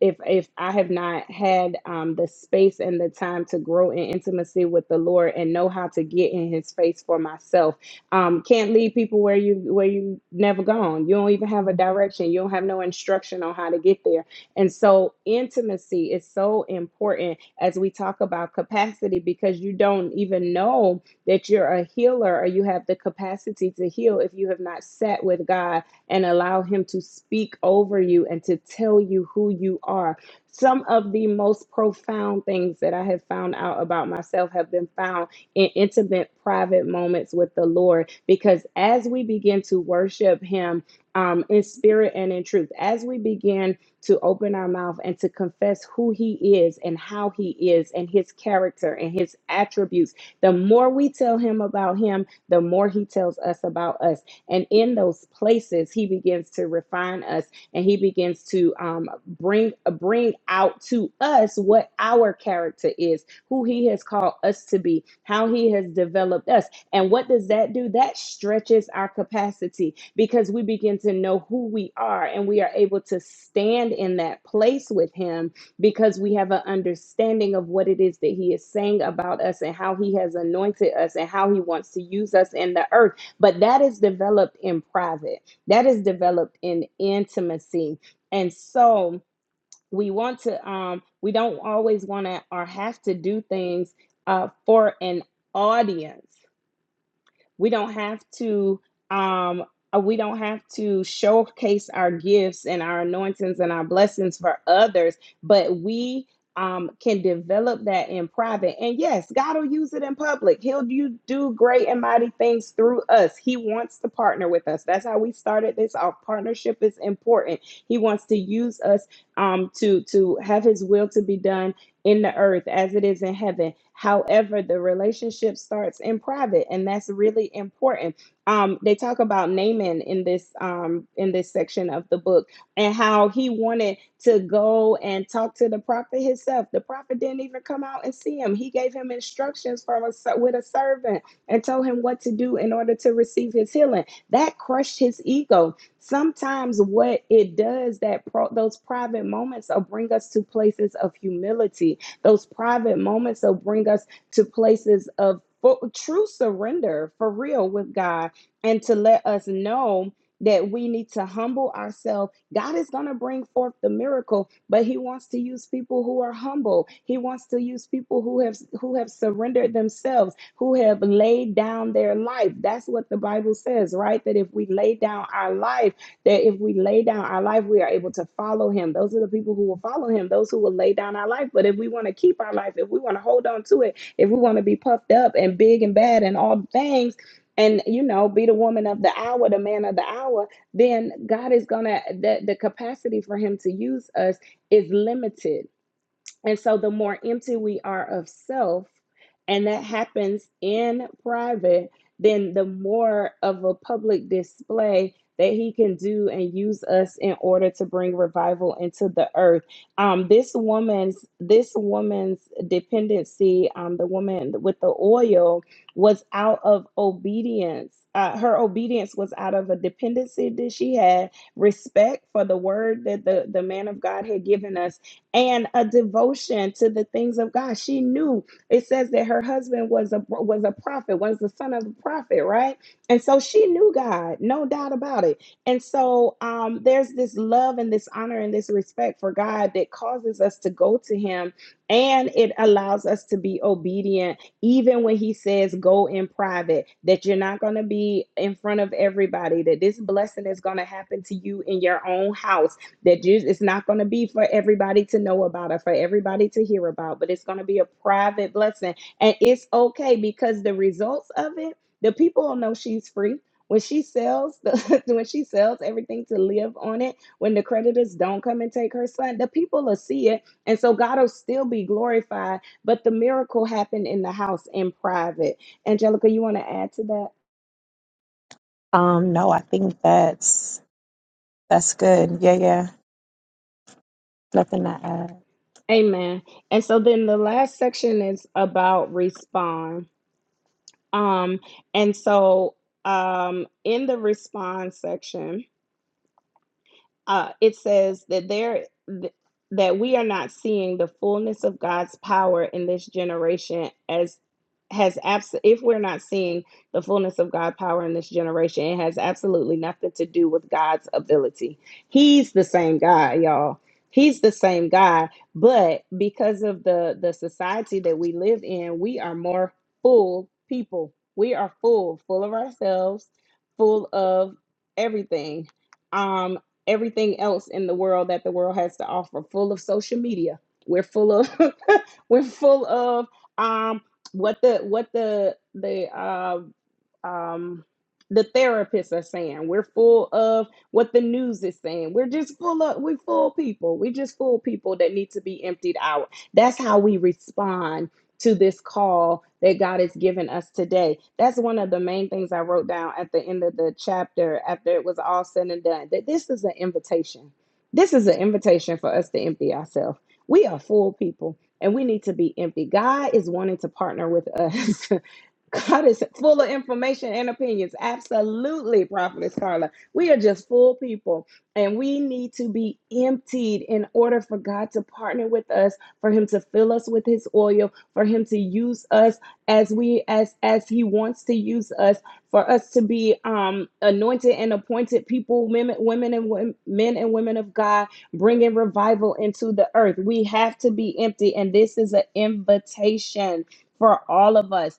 S2: if if I have not had um, the space and the time to grow in intimacy with the Lord and know how to get in His face for myself, um, can't lead people where you where you never gone. You don't even have a direction. You don't have no instruction on how to get there. And so intimacy is so important as we talk about capacity because you don't even know that you're a healer or you have the capacity to heal if you have not sat with God and allow Him to speak over you and to tell you who you are. Some of the most profound things that I have found out about myself have been found in intimate, private moments with the Lord because as we begin to worship Him um, in spirit and in truth, as we begin to open our mouth and to confess who He is and how He is and His character and His attributes, the more we tell Him about Him, the more He tells us about us and in those places, He begins to refine us and He begins to um, bring bring out to us what our character is, who He has called us to be, how He has developed us. And what does that do? That stretches our capacity because we begin to know who we are and we are able to stand in that place with Him because we have an understanding of what it is that He is saying about us and how He has anointed us and how He wants to use us in the earth but that is developed in private that is developed in intimacy and so we want to um we don't always want to or have to do things uh, for an audience we don't have to um uh, we don't have to showcase our gifts and our anointings and our blessings for others, but we um, can develop that in private. And yes, God will use it in public. He'll do, do great and mighty things through us. He wants to partner with us. That's how we started this. Our partnership is important. He wants to use us um, to, to have His will to be done in the earth as it is in heaven. However, the relationship starts in private, and that's really important. Um, they talk about Naaman in this um, in this section of the book and how he wanted to go and talk to the prophet himself. The prophet didn't even come out and see him. He gave him instructions from a, ser- with a servant and told him what to do in order to receive his healing. That crushed his ego Sometimes what it does that pro- those private moments will bring us to places of humility. Those private moments will bring us to places of fu- true surrender for real with God and to let us know that we need to humble ourselves. God is going to bring forth the miracle, but he wants to use people who are humble. He wants to use people who have who have surrendered themselves who have laid down their life. That's what the Bible says, right? That if we lay down our life, that if we lay down our life, we are able to follow him. Those are the people who will follow him, those who will lay down our life. But if we want to keep our life, if we want to hold on to it, if we want to be puffed up and big and bad and all things, and you know, be the woman of the hour, the man of the hour, then God is gonna the, the capacity for him to use us is limited and so the more empty we are of self, and that happens in private, then the more of a public display that he can do and use us in order to bring revival into the earth. Um, this woman's this woman's dependency, um, the woman with the oil, was out of obedience. Uh, her obedience was out of a dependency that she had, respect for the word that the, the man of God had given us and a devotion to the things of God. She knew it says that her husband was a was a prophet, was the son of a prophet, right? And so she knew God, no doubt about it. And so um, there's this love and this honor and this respect for God that causes us to go to Him, and it allows us to be obedient, even when He says go in private. That you're not going to be in front of everybody. That this blessing is going to happen to you in your own house that you it's not going to be for everybody to know about or for everybody to hear about but it's going to be a private blessing and it's okay because the results of it the people will know she's free when she sells the when she sells everything to live on it when the creditors don't come and take her son the people will see it and so god will still be glorified but the miracle happened in the house in private angelica you want to add to that
S4: Um, no, I think that's that's good. Yeah, yeah. Nothing to add.
S2: amen and so then the last section is about respond Um, and so um, in the response section, uh, it says that there th- that we are not seeing the fullness of God's power in this generation as has abs- if we're not seeing the fullness of God's power in this generation, it has absolutely nothing to do with God's ability. He's the same God, y'all. He's the same God, but because of the the society that we live in, we are more full people. We are full, full of ourselves, full of everything Um everything else in the world that the world has to offer full of social media we're full of we're full of um what the what the the uh, um the therapists are saying we're full of what the news is saying we're just full of we full people we just full people that need to be emptied out that's how we respond to this call that God has given us today. That's one of the main things I wrote down at the end of the chapter after it was all said and done that this is an invitation. This is an invitation for us to empty ourselves. We are full people and we need to be empty. God is wanting to partner with us. God is full of information and opinions. Absolutely, Prophetess Carla. We are just full people and we need to be emptied in order for God to partner with us for him to fill us with his oil, for him to use us as we as as he wants to use us, for us to be um anointed and appointed people, women, women and women, men and women of God, bringing revival into the earth. We have to be empty, and this is an invitation for all of us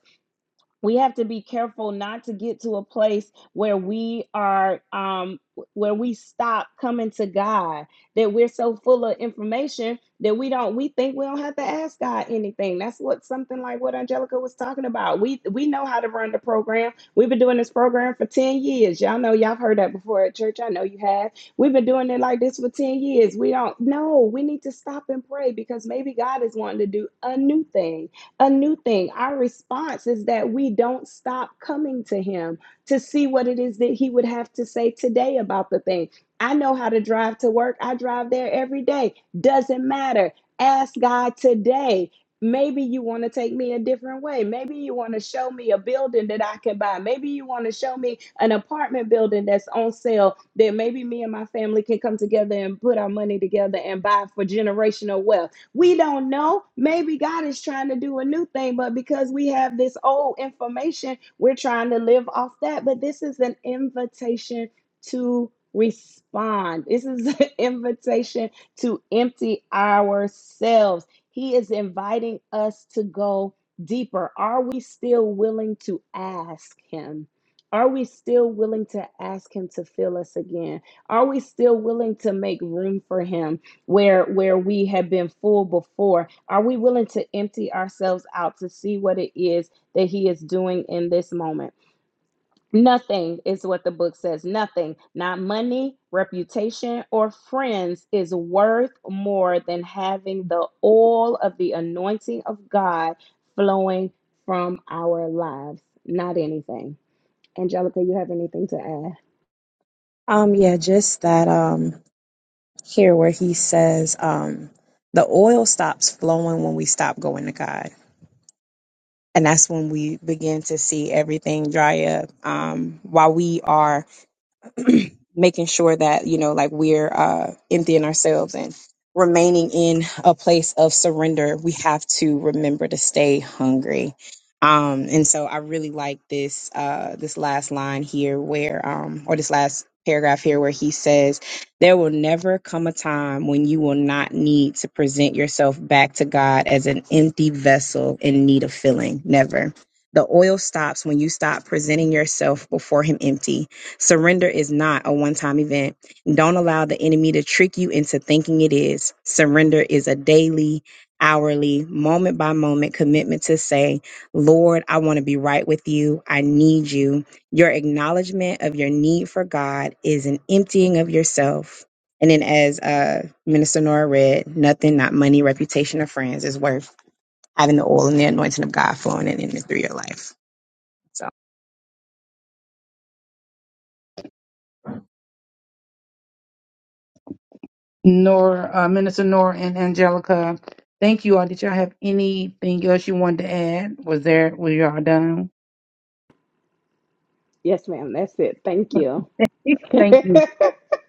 S2: we have to be careful not to get to a place where we are um where we stop coming to god that we're so full of information that we don't we think we don't have to ask god anything that's what something like what angelica was talking about we we know how to run the program we've been doing this program for 10 years y'all know y'all heard that before at church i know you have we've been doing it like this for 10 years we don't know. we need to stop and pray because maybe god is wanting to do a new thing a new thing. Our response is that we don't stop coming to Him to see what it is that He would have to say today about the thing. I know how to drive to work, I drive there every day. Doesn't matter. Ask God today. Maybe you want to take me a different way. Maybe you want to show me a building that I can buy. Maybe you want to show me an apartment building that's on sale that maybe me and my family can come together and put our money together and buy for generational wealth we don't know. Maybe God is trying to do a new thing, but because we have this old information, we're trying to live off that. But this is an invitation to respond. This is an invitation to empty ourselves. He is inviting us to go deeper. Are we still willing to ask Him? Are we still willing to ask Him to fill us again? Are we still willing to make room for Him? where where we have been full before are we willing to empty ourselves out to see what it is that he is doing in this moment nothing is what the book says nothing not money reputation or friends is worth more than having the oil of the anointing of god flowing from our lives not anything angelica you have anything to add
S4: Um, yeah, just that um here where he says um the oil stops flowing when we stop going to God. and that's when we begin to see everything dry up. Um, while we are making sure that you know like we're uh, emptying ourselves and remaining in a place of surrender we have to remember to stay hungry um and so i really like this uh this last line here where um or this last paragraph here where he says there will never come a time when you will not need to present yourself back to god as an empty vessel in need of filling never the oil stops when you stop presenting yourself before him empty Surrender is not a one time event. Don't allow the enemy to trick you into thinking it is. Surrender is a daily, hourly, moment by moment commitment to say, Lord, I want to be right with you. I need you. Your acknowledgement of your need for God is an emptying of yourself. And then, as uh, Minister Nora read, nothing, not money, reputation, or friends is worth having the oil and the anointing of God flowing in, in the through your life. So,
S3: Nora, uh, Minister Nora and Angelica, thank you all. Did y'all have anything else you wanted to add? Was there, were y'all done?
S2: yes ma'am that's it thank you
S3: Thank you.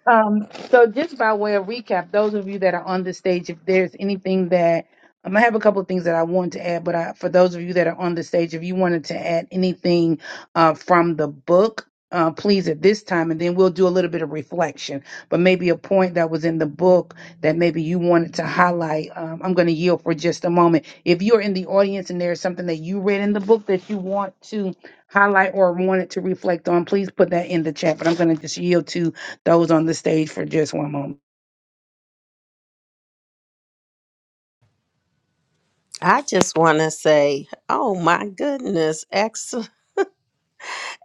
S3: Um, so just by way of recap, those of you that are on the stage, if there's anything that um, I have a couple of things that I want to add, but I, for those of you that are on the stage, if you wanted to add anything uh, from the book, uh, please at this time, and then we'll do a little bit of reflection. But maybe a point that was in the book that maybe you wanted to highlight. Um, I'm going to yield for just a moment. If you're in the audience and there's something that you read in the book that you want to highlight or wanted to reflect on, please put that in the chat. But I'm going to just yield to those on the stage for just one moment.
S1: i just want to say oh my goodness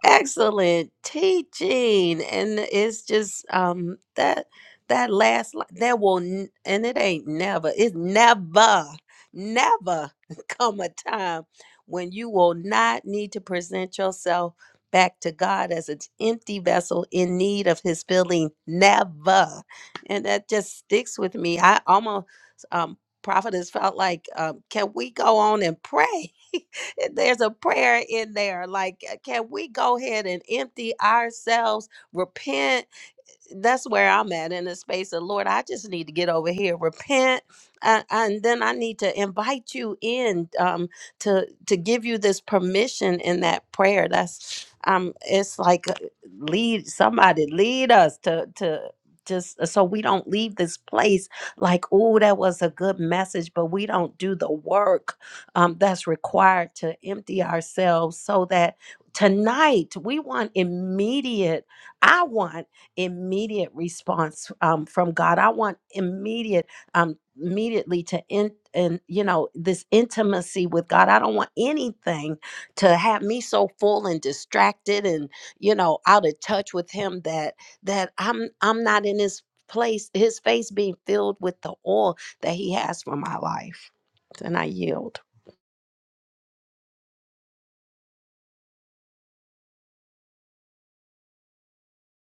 S1: excellent teaching and it's just um that that last li- there will n- and it ain't never it's never never come a time when you will not need to present yourself back to God as an empty vessel in need of his filling never and that just sticks with me I almost um prophetess felt like um can we go on and pray There's a prayer in there. Like, uh, can we go ahead and empty ourselves, repent? that's where I'm at in the space of Lord, I just need to get over here, repent, uh, and then I need to invite you in um, to to give you this permission in that prayer. That's um, it's like uh, lead somebody lead us to to just uh, so we don't leave this place like oh that was a good message, but we don't do the work um, that's required to empty ourselves so that tonight we want immediate. I want immediate response um, from God. I want immediate, um, immediately to in and you know this intimacy with God. I don't want anything to have me so full and distracted and you know out of touch with Him that that I'm I'm not in His place. His face being filled with the oil that He has for my life. And I yield.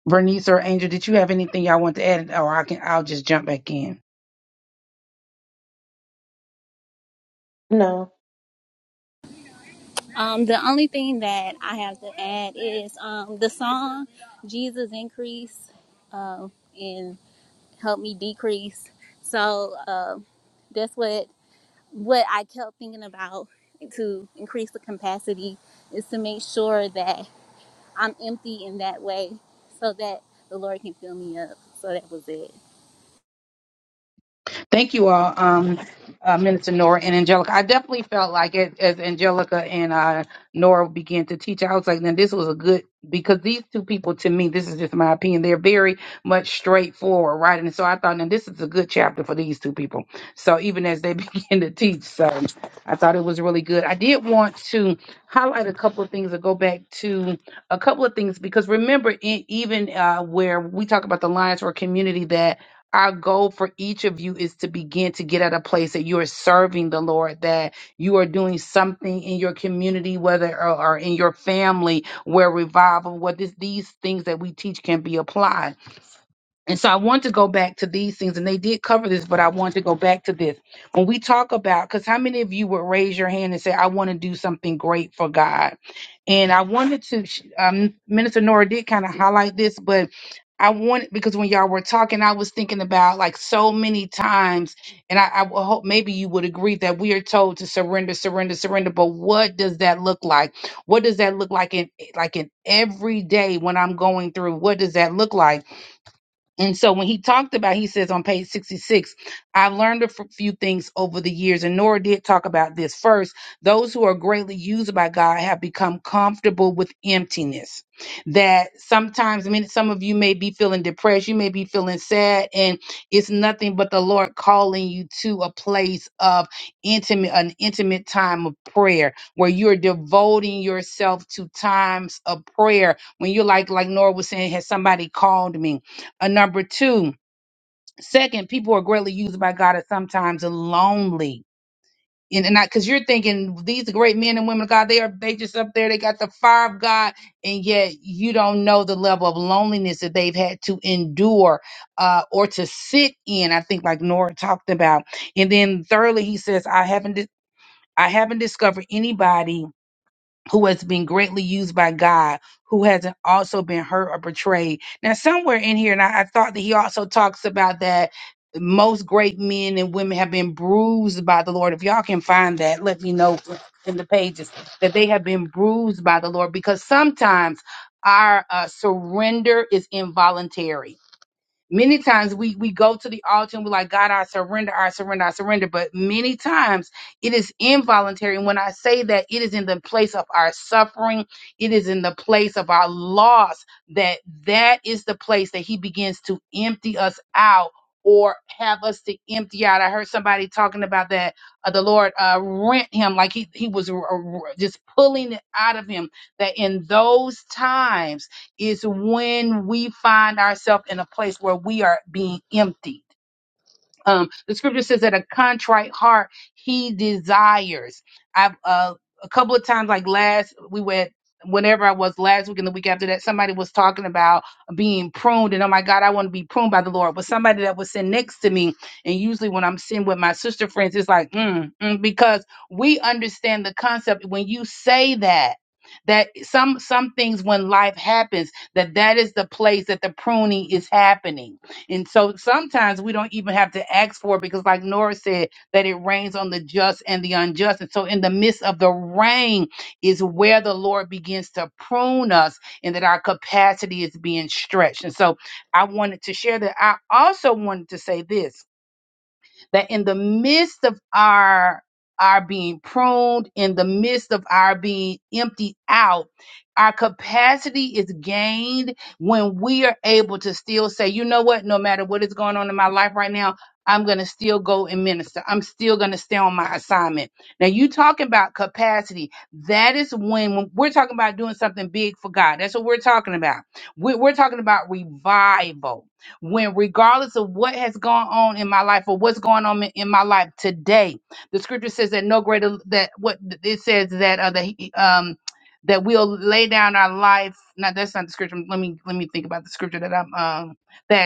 S3: Bernice or Angel, did you have anything y'all want to add, or I can I'll just jump back in.
S6: No.
S5: Um, the only thing that I have to add is um, the song "Jesus Increase" um, and "Help Me Decrease." So uh, that's what what I kept thinking about to increase the capacity is to make sure that I'm empty in that way, so that the Lord can fill me up. So that was it.
S3: Thank you all, um, uh, Minister Nora and Angelica. I definitely felt like it, as Angelica and uh, Nora began to teach, I was like, "Then this was a good, because these two people, to me, this is just my opinion, they're very much straightforward, right? And so I thought, now this is a good chapter for these two people. So even as they begin to teach, so I thought it was really good. I did want to highlight a couple of things or go back to a couple of things, because remember, in, even uh, where we talk about the Lions for a community that our goal for each of you is to begin to get at a place that you are serving the Lord, that you are doing something in your community, whether or, or in your family, where revival, what this, these things that we teach can be applied and so I want to go back to these things, and they did cover this, but I want to go back to this. When we talk about, because how many of you would raise your hand and say, I want to do something great for God? And I wanted to, sh- um, Minister Nora did kind of highlight this, but I want, because when y'all were talking, I was thinking about like so many times, and I, I will hope maybe you would agree that we are told to surrender, surrender, surrender. But what does that look like? What does that look like in like in every day when I'm going through? What does that look like? And so when he talked about, he says on page 66, I've learned a f- few things over the years, and Nora did talk about this first. Those who are greatly used by God have become comfortable with emptiness. That sometimes, I mean, some of you may be feeling depressed, you may be feeling sad, and it's nothing but the Lord calling you to a place of intimate, an intimate time of prayer where you're devoting yourself to times of prayer. When you're like, like Nora was saying, has somebody called me? Uh, number two, second, people are greatly used by God at sometimes lonely. And, and I, cause you're thinking these great men and women of God, they are, they just up there. They got the fire of God. And yet you don't know the level of loneliness that they've had to endure, uh, or to sit in. I think like Nora talked about. And then thirdly, he says, I haven't, di- I haven't discovered anybody who has been greatly used by God, who hasn't also been hurt or betrayed. Now, somewhere in here, and I, I thought that he also talks about that most great men and women have been bruised by the Lord. If y'all can find that, let me know in the pages that they have been bruised by the Lord because sometimes our uh, surrender is involuntary many times we we go to the altar and we're like god i surrender i surrender i surrender but many times it is involuntary and when i say that it is in the place of our suffering it is in the place of our loss that that is the place that he begins to empty us out or have us to empty out. I heard somebody talking about that. Uh, the Lord uh, rent him like he he was uh, just pulling it out of him. That in those times is when we find ourselves in a place where we are being empty um, the scripture says that a contrite heart he desires. I've uh, a couple of times, like last we were at whenever I was last week and the week after that, somebody was talking about being pruned, and oh my God, I want to be pruned by the Lord. But somebody that was sitting next to me, and usually when I'm sitting with my sister friends, it's like mm, mm, because we understand the concept when you say that that some some things when life happens that that is the place that the pruning is happening and so sometimes we don't even have to ask for it because, like Nora said, that it rains on the just and the unjust. And so, in the midst of the rain, is where the Lord begins to prune us and that our capacity is being stretched. And so, I wanted to share that. I also wanted to say this that in the midst of our our being pruned in the midst of our being emptied out our capacity is gained when we are able to still say you know what no matter what is going on in my life right now i'm going to still go and minister i'm still going to stay on my assignment now you talking about capacity that is when, when we're talking about doing something big for god that's what we're talking about We- we're talking about revival when regardless of what has gone on in my life or what's going on in in my life today the scripture says that no greater that what it says that uh, that he- um that we'll lay down our life. Now that's not the scripture. Let me let me think about the scripture that I'm um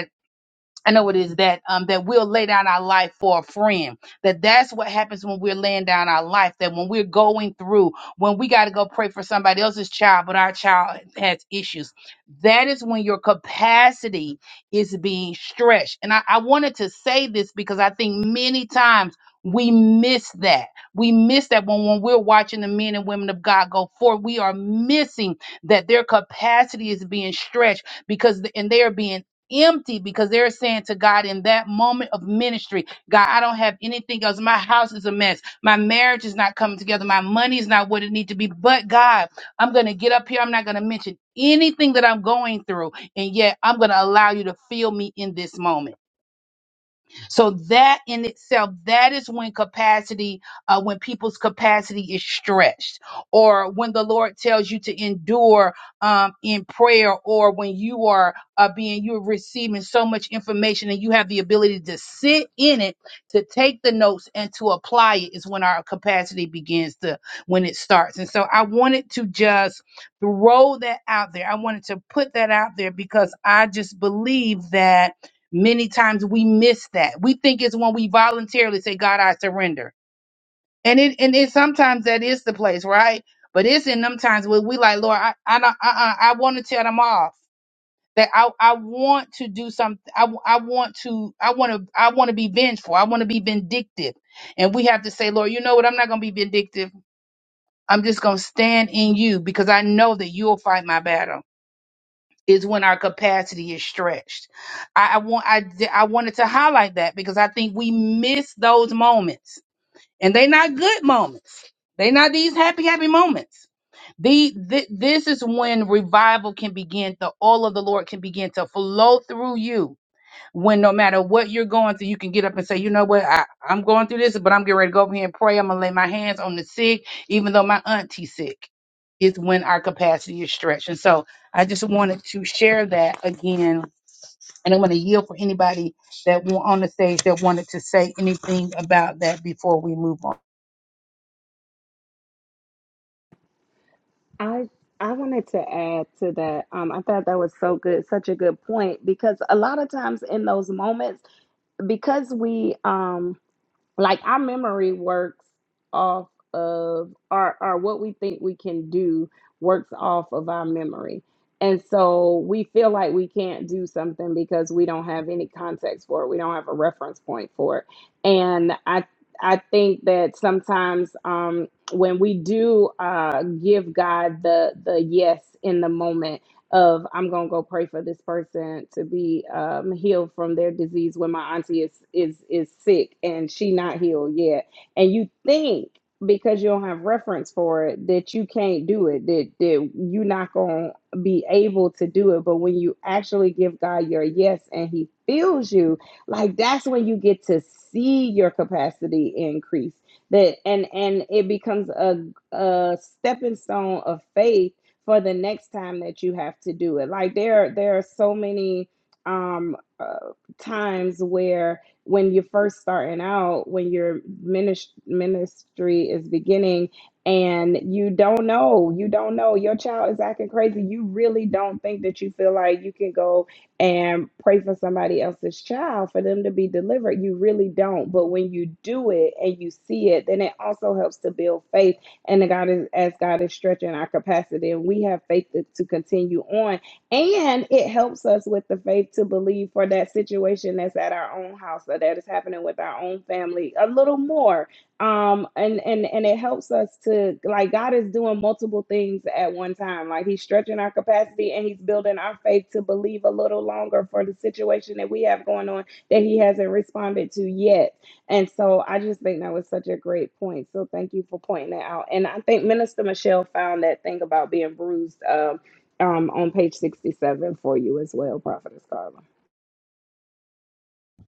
S3: I know it is that um, that we'll lay down our life for a friend. That that's what happens when we're laying down our life. That when we're going through, when we got to go pray for somebody else's child, but our child has issues. That is when your capacity is being stretched. And I, I wanted to say this because I think many times we miss that. We miss that when when we're watching the men and women of God go forward, we are missing that their capacity is being stretched because and they are being empty because they're saying to God in that moment of ministry, God, I don't have anything else. My house is a mess. My marriage is not coming together. My money is not what it needs to be. But God, I'm going to get up here. I'm not going to mention anything that I'm going through. And yet I'm going to allow you to fill me in this moment. So that in itself, that is when capacity, uh, when people's capacity is stretched, or when the Lord tells you to endure um, in prayer, or when you are uh, being you're receiving so much information and you have the ability to sit in it, to take the notes and to apply it is when our capacity begins to when it starts. And so I wanted to just throw that out there. I wanted to put that out there because I just believe that Many times we miss that. We think it's when we voluntarily say, God, I surrender. And it and it sometimes that is the place, right? But it's in them times where we like, Lord, I I don't- uh-uh, I want to tell them off. That I, I want to do something. I, I want to I want to I want to be vengeful. I want to be vindictive. And we have to say, Lord, you know what? I'm not going to be vindictive. I'm just going to stand in you because I know that you'll fight my battle is when our capacity is stretched. I, I want I d- I wanted to highlight that because I think we miss those moments, and they're not good moments. They're not these happy happy moments. The, thi- this is when revival can begin. The all of the Lord can begin to flow through you when no matter what you're going through, you can get up and say, you know what, I, I'm going through this, but I'm getting ready to go over here and pray. I'm gonna lay my hands on the sick, even though my auntie's sick. It's when our capacity is stretched. And so I just wanted to share that again. And I'm gonna yield for anybody that wa- on the stage that wanted to say anything about that before we move on.
S2: I I wanted to add to that. Um, I thought that was so good, such a good point because a lot of times in those moments, because we um like our memory works off of our, our what we think we can do works off of our memory and so we feel like we can't do something because we don't have any context for it we don't have a reference point for it and i i think that sometimes um when we do uh give god the the yes in the moment of I'm gonna go pray for this person to be um, healed from their disease when my auntie is is is sick and she not healed yet, and you think because you don't have reference for it that you can't do it that that you're not gonna be able to do it, but when you actually give God your yes and He fills you, like that's when you get to see your capacity increase that and and it becomes a a stepping stone of faith for the next time that you have to do it. Like there, there are so many um, uh, times where when you're first starting out, when your minis- ministry is beginning, and you don't know, you don't know, your child is acting crazy. You really don't think that you feel like you can go and pray for somebody else's child for them to be delivered. You really don't. But when you do it and you see it, then it also helps to build faith and the God is as God is stretching our capacity, and we have faith to, to continue on, and it helps us with the faith to believe for that situation that's at our own house or that is happening with our own family a little more. Um, and and and it helps us to like God is doing multiple things at one time. Like He's stretching our capacity and He's building our faith to believe a little longer for the situation that we have going on that He hasn't responded to yet and so I just think that was such a great point. So thank you for pointing that out. And I think Minister Michelle found that thing about being bruised um, um, on page 67 for you as well, Prophetess Carla.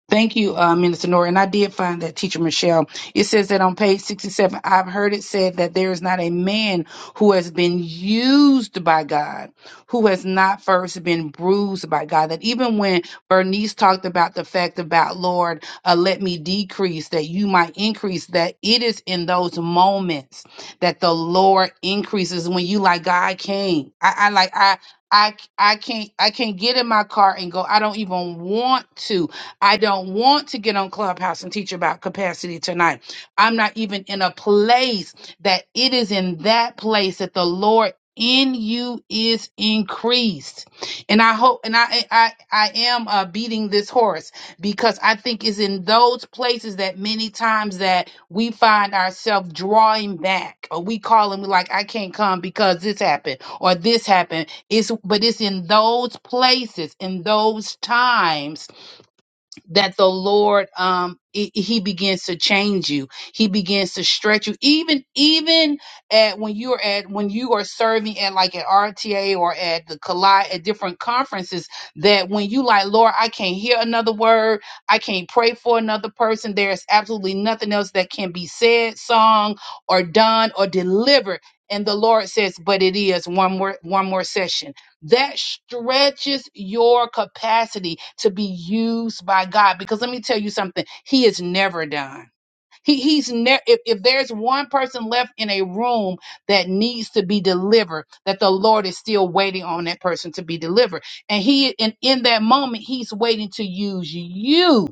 S3: Thank you, uh, Minister Nora. And I did find that teacher Michelle. It says that on page 67, I've heard it said that there is not a man who has been used by God who has not first been bruised by God. That even when Bernice talked about the fact about, Lord, uh, let me decrease that you might increase, that it is in those moments that the Lord increases when you like, God, I can't. I, I like, I. I, I can't I can't get in my car and go. I don't even want to I don't want to get on Clubhouse and teach about capacity tonight. I'm not even in a place that it is in that place that the Lord in you is increased. And I hope and I I I am uh, beating this horse because I think it's in those places that many times that we find ourselves drawing back or we call and we like I can't come because this happened or this happened. It's but it's in those places in those times that the Lord um he, he begins to change you. He begins to stretch you even even at when you're at when you are serving at like at RTA or at the collide at different conferences that when you like Lord I can't hear another word, I can't pray for another person. There's absolutely nothing else that can be said, sung or done or delivered. And the Lord says, but it is one more one more session that stretches your capacity to be used by God. Because let me tell you something, He is never done. He, he's never if, if there's one person left in a room that needs to be delivered that the lord is still waiting on that person to be delivered and he and in that moment he's waiting to use you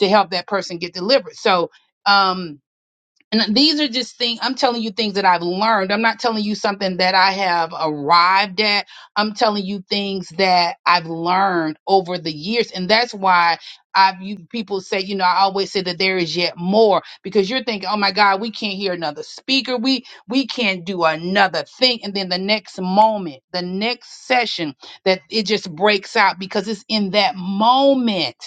S3: to help that person get delivered so um and these are just things I'm telling you things that I've learned. I'm not telling you something that I have arrived at. I'm telling you things that I've learned over the years. And that's why I've you people say, you know, I always say that there is yet more because you're thinking, oh my God, we can't hear another speaker. We we can't do another thing. And then the next moment, the next session that it just breaks out because it's in that moment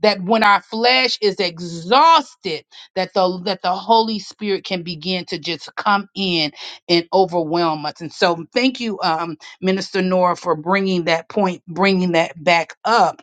S3: that when our flesh is exhausted that the that the Holy Spirit can begin to just come in and overwhelm us. And so, thank you, um, Minister Nora, for bringing that point, bringing that back up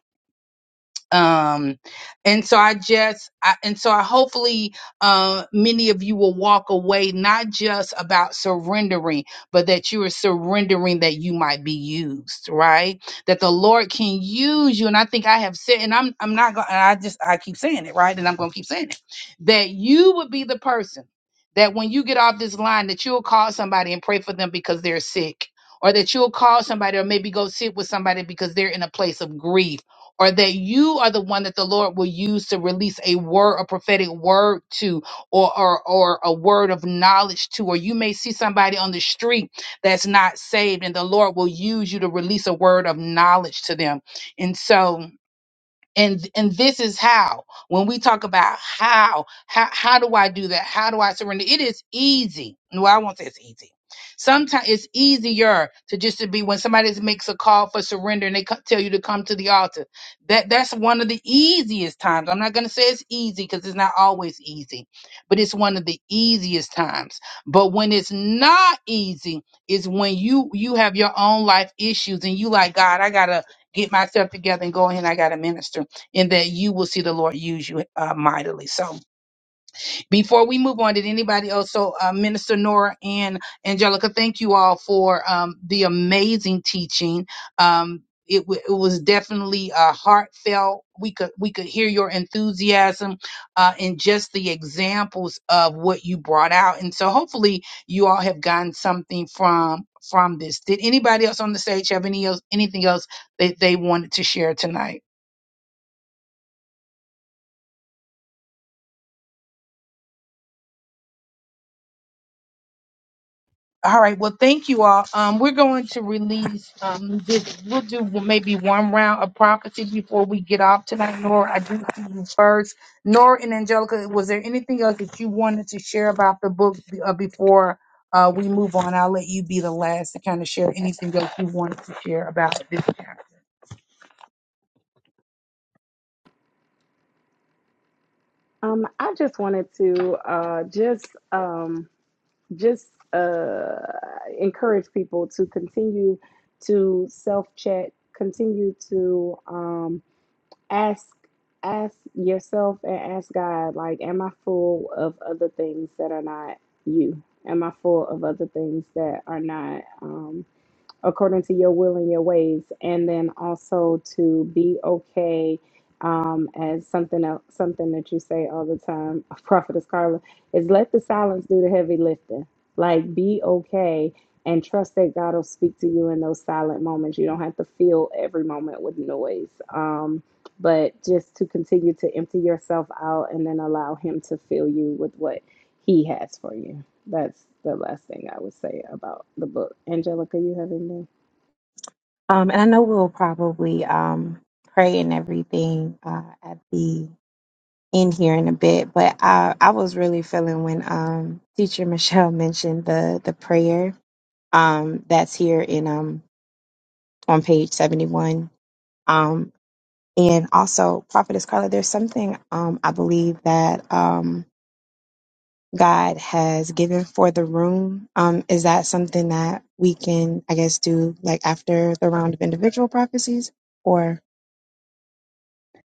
S3: um and so i just I, and so i hopefully uh many of you will walk away not just about surrendering but that you are surrendering that you might be used right that the lord can use you and i think i have said and i'm i'm not gonna i just i keep saying it right and i'm gonna keep saying it that you would be the person that when you get off this line that you'll call somebody and pray for them because they're sick or that you'll call somebody or maybe go sit with somebody because they're in a place of grief or that you are the one that the Lord will use to release a word, a prophetic word to, or, or, or a word of knowledge to, or you may see somebody on the street that's not saved and the Lord will use you to release a word of knowledge to them. And so, and and this is how when we talk about how how how do i do that how do i surrender it is easy well i won't say it's easy sometimes it's easier to just to be when somebody makes a call for surrender and they co- tell you to come to the altar that that's one of the easiest times i'm not going to say it's easy because it's not always easy but it's one of the easiest times but when it's not easy is when you you have your own life issues and you like god i gotta get myself together and go ahead and i gotta minister and that you will see the Lord use you uh, mightily. So, before we move on, did anybody else? So, uh, Minister Nora and Angelica, thank you all for um, the amazing teaching. Um, it, w- it was definitely uh, heartfelt. We could we could hear your enthusiasm uh, and just the examples of what you brought out. And so, hopefully, you all have gotten something from from this. Did anybody else on the stage have any else anything else that they wanted to share tonight? All right. Well, thank you all. Um, we're going to release um this. We'll do maybe one round of prophecy before we get off tonight. Nora, I do see you first. Nora and Angelica, was there anything else that you wanted to share about the book uh, before uh, we move on? I'll let you be the last to kind of share anything else you wanted to share about this chapter.
S2: Um, I just wanted to uh, just um, just uh, encourage people to continue to self check, continue to. Um, ask ask yourself and ask God like am I full of other things that are not you am I full of other things that are not um according to your will and your ways, and then also to be okay. Um, as something else, something that you say all the time, Prophetess Carla, is let the silence do the heavy lifting. Like be okay and trust that God will speak to you in those silent moments. You don't have to fill every moment with noise. Um, but just to continue to empty yourself out and then allow Him to fill you with what He has for you. That's the last thing I would say about the book. Angelica, you have anything?
S4: Um, and I know we'll probably um, pray and everything uh, at the end here in a bit, but I, I was really feeling when um, Teacher Michelle mentioned the the prayer um, that's here in um, on page seventy one. And also, Prophetess Carla, there's something um, I believe that um, God has given for the room. Um, is that something that we can, I guess, do like after the round of individual prophecies? Or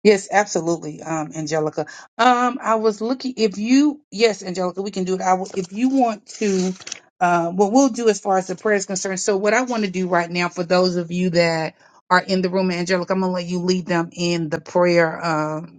S3: Yes, absolutely, um, Angelica. Um, I was looking if you, yes, Angelica, we can do it. I will, if you want to, uh, what we'll do as far as the prayer is concerned. So, what I want to do right now for those of you that are in the room, Angelica, I'm gonna let you lead them in the prayer. Um,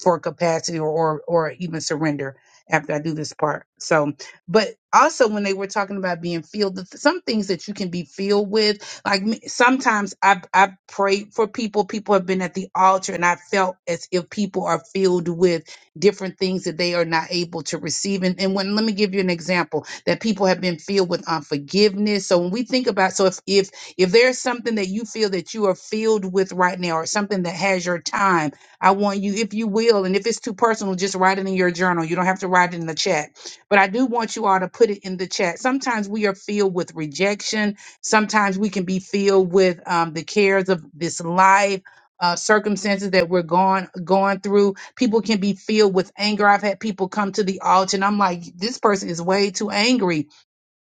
S3: for capacity or, or or even surrender after I do this part. So, but also when they were talking about being filled, the- some things that you can be filled with, like me- sometimes I I pray for people. People have been at the altar, and I felt as if people are filled with different things that they are not able to receive. And, and when let me give you an example that people have been filled with unforgiveness. So when we think about, so if if if there's something that you feel that you are filled with right now, or something that has your time I want you, if you will, and if it's too personal, just write it in your journal. You don't have to write it in the chat. But I do want you all to put it in the chat. Sometimes we are filled with rejection. Sometimes we can be filled with um, the cares of this life. Uh, circumstances that we're going going through, people can be filled with anger. I've had people come to the altar, and I'm like, this person is way too angry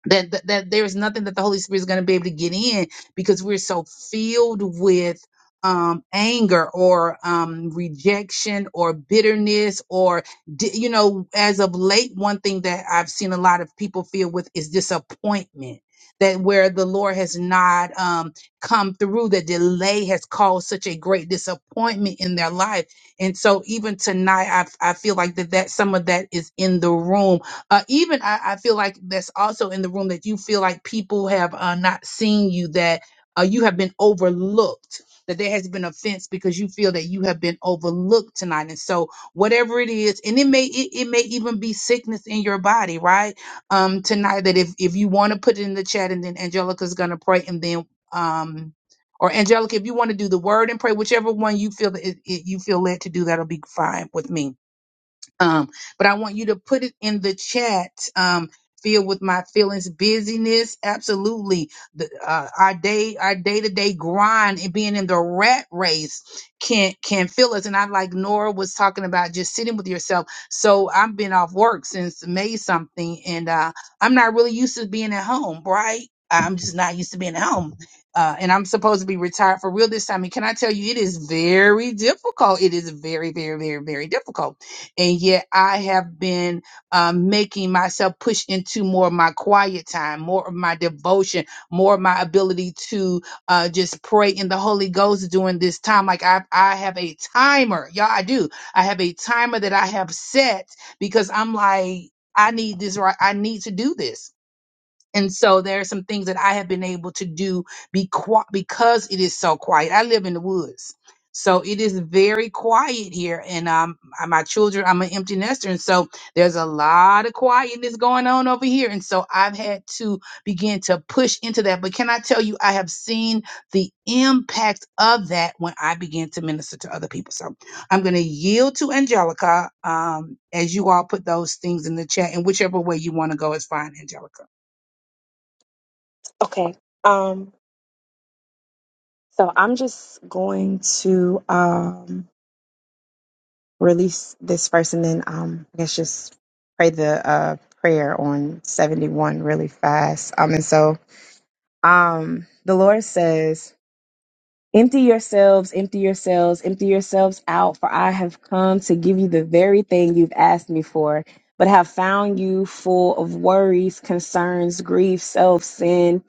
S3: that that, that there's nothing that the holy spirit is going to be able to get in because we're so filled with um anger or um rejection or bitterness or di- you know as of late one thing that i've seen a lot of people feel with is disappointment that where the lord has not um come through the delay has caused such a great disappointment in their life and so even tonight i i feel like that that some of that is in the room uh, even I, I feel like that's also in the room that you feel like people have uh, not seen you, that uh, you have been overlooked, that there has been offense because you feel that you have been overlooked tonight. And so, whatever it is, and it may it, it may even be sickness in your body, right? Um, tonight, that if if you want to put it in the chat, and then Angelica's gonna pray, and then um. Or Angelica, if you want to do the word and pray, whichever one you feel that it, it, you feel led to do, that'll be fine with me um, but I want you to put it in the chat. Um, filled with my feelings, busyness, absolutely. The, uh, our day, our day to day grind and being in the rat race can can fill us. And I like Nora was talking about just sitting with yourself. So I've been off work since May something, and uh, I'm not really used to being at home, right? I'm just not used to being at home. Uh, and I'm supposed to be retired for real this time. And can I tell you, it is very difficult. It is very, very, very, very difficult and yet I have been um, making myself push into more of my quiet time, more of my devotion, more of my ability to uh, just pray in the Holy Ghost during this time. Like I, I have a timer, y'all. I do. I have a timer that I have set because I'm like, I need this right. I need to do this. And so there are some things that I have been able to do be qui- because it is so quiet. I live in the woods. So it is very quiet here. And um, I- my children, I'm an empty nester. And so there's a lot of quietness going on over here. And so I've had to begin to push into that. But can I tell you, I have seen the impact of that when I began to minister to other people. So I'm going to yield to Angelica um, as you all put those things in the chat. And whichever way you want to go is fine, Angelica.
S4: okay, um, so I'm just going to um, release this first, and then um, I guess just pray the uh, prayer on 71 really fast. Um, and so um, the Lord says. Empty yourselves, empty yourselves, empty yourselves out, for I have come to give you the very thing you've asked me for, but have found you full of worries, concerns, grief, self, sin,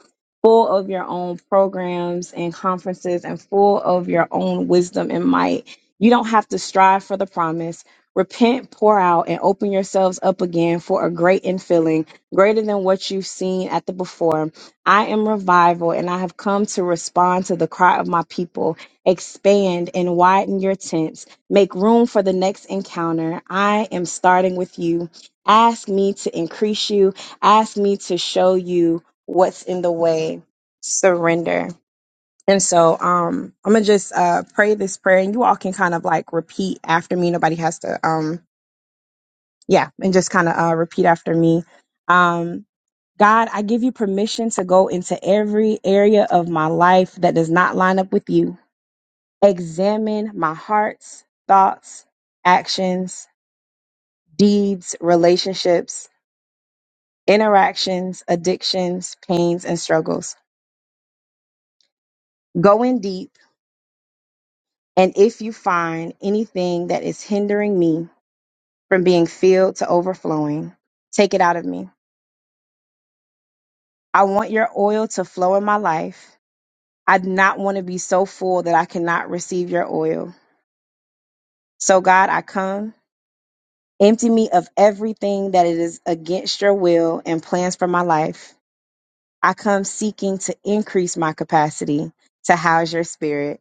S4: full of your own programs and conferences, and full of your own wisdom and might. You don't have to strive for the promise. Repent, pour out, and open yourselves up again for a great infilling, greater than what you've seen at the before I am revival and I have come to respond to the cry of my people. Expand and widen your tents. Make room for the next encounter. I am starting with you. Ask me to increase you. Ask me to show you what's in the way. Surrender. And so um I'm gonna just uh pray this prayer and you all can kind of like repeat after me. Nobody has to um yeah, and just kind of uh, repeat after me. Um, God, I give you permission to go into every area of my life that does not line up with you. Examine my hearts, thoughts, actions, deeds, relationships, interactions, addictions, pains, and struggles. Go in deep, and if you find anything that is hindering me from being filled to overflowing, take it out of me. I want your oil to flow in my life I do not want to be so full that I cannot receive your oil. So, God, I come. Empty me of everything that it is against your will and plans for my life. I come seeking to increase my capacity to house your spirit.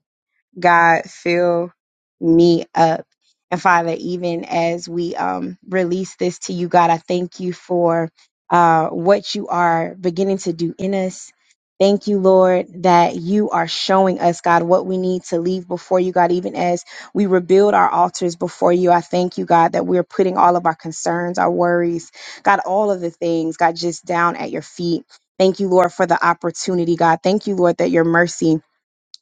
S4: God fill me up. And Father, even as we um, release this to you, God, I thank you for uh, what you are beginning to do in us. Thank you, Lord, that you are showing us, God, what we need to leave before you, God, even as we rebuild our altars before you. I thank you, God, that we're putting all of our concerns, our worries, God, all of the things, God, just down at your feet. Thank you, Lord, for the opportunity, God. Thank you, Lord, that your mercy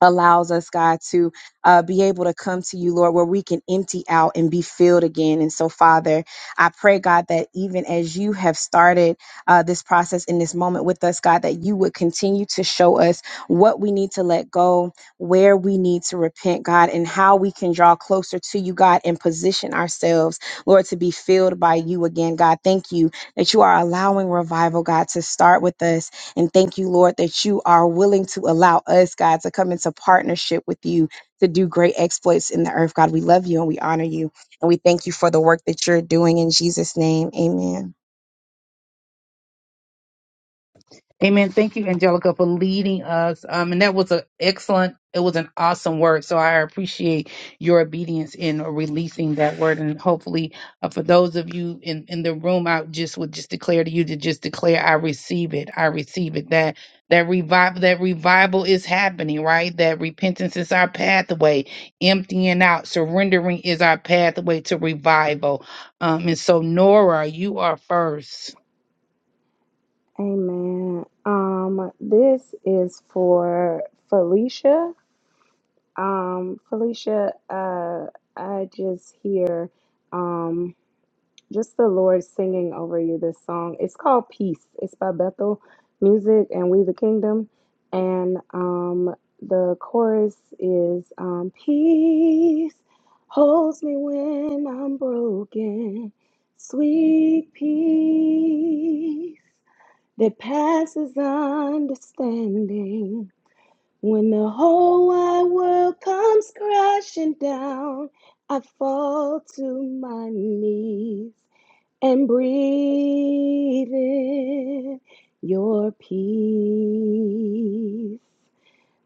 S4: allows us, God, to uh, be able to come to you, Lord, where we can empty out and be filled again. And so, Father, I pray, God, that even as you have started uh, this process in this moment with us, God, that you would continue to show us what we need to let go, where we need to repent, God, and how we can draw closer to you, God, and position ourselves, Lord, to be filled by you again, God. Thank you that you are allowing revival, God, to start with us and thank you, Lord, that you are willing to allow us, God, to come into partnership with you to do great exploits in the earth. God, we love you and we honor you. And we thank you for the work that you're doing in Jesus' name. Amen.
S3: Amen. Thank you, Angelica, for leading us. Um, and that was an excellent, it was an awesome word. So I appreciate your obedience in releasing that word. And hopefully, uh, for those of you in, in the room, I just would just declare to you to just declare, I receive it. I receive it. That that revival, that revival is happening, right? That repentance is our pathway. Emptying out, surrendering is our pathway to revival. Um, and so, Nora, you are first.
S2: Amen. Um, this is for Felicia. Um, Felicia, uh, I just hear, um, just the Lord singing over you this song. It's called Peace. It's by Bethel Music and We the Kingdom. And um, the chorus is um, Peace holds me when I'm broken. Sweet peace that passes understanding. When the whole wide world comes crashing down, I fall to my knees and breathe in your peace.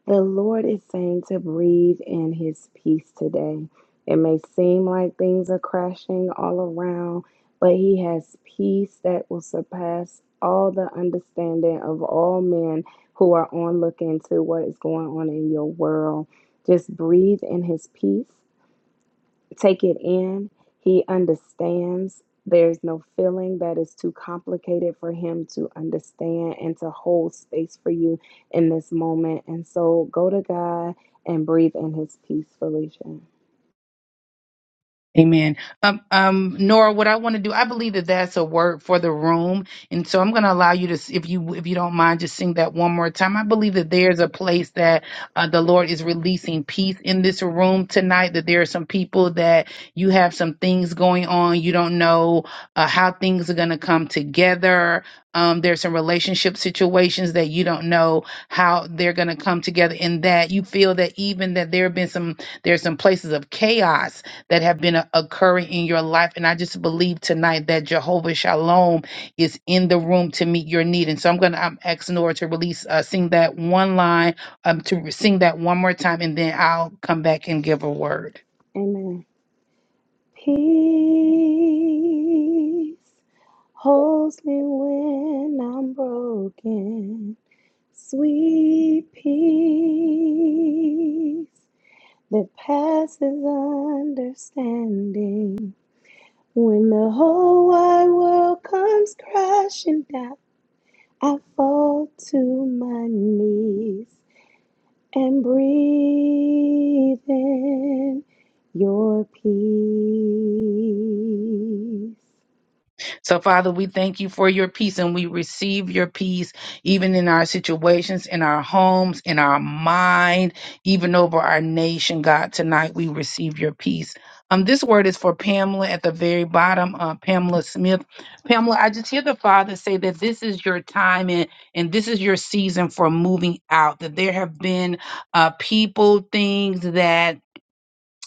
S2: The Lord is saying to breathe in his peace today. It may seem like things are crashing all around, but he has peace that will surpass all the understanding of all men who are on looking to what is going on in your world. Just breathe in his peace take it in. He understands. There's no feeling that is too complicated for him to understand and to hold space for you in this moment. And so go to God and breathe in his peace, Felicia.
S3: Amen. Um, um, Nora, what I want to do, I believe that that's a word for the room, and so I'm going to allow you to, s- if you if you don't mind, just sing that one more time. I believe that there's a place that uh, the Lord is releasing peace in this room tonight. That there are some people that you have some things going on, you don't know uh, how things are going to come together. Um, there's some relationship situations that you don't know how they're going to come together, and that you feel that even that there have been some there's some places of chaos that have been uh, occurring in your life. And I just believe tonight that Jehovah Shalom is in the room to meet your need. And so I'm going to, I'm asking Nora to release, uh, sing that one line, um, to sing that one more time, and then I'll come back and give a word.
S2: Amen. Peace holds me when I'm broken. Sweet peace that passes understanding When the whole wide world comes crashing down, I fall to my knees and breathe in your peace.
S3: So, Father, we thank you for your peace and we receive your peace even in our situations, in our homes, in our mind, even over our nation, God. Tonight we receive your peace. Um, this word is for Pamela at the very bottom, uh, Pamela Smith. Pamela, I just hear the Father say that this is your time and, and this is your season for moving out, that there have been uh, people, things that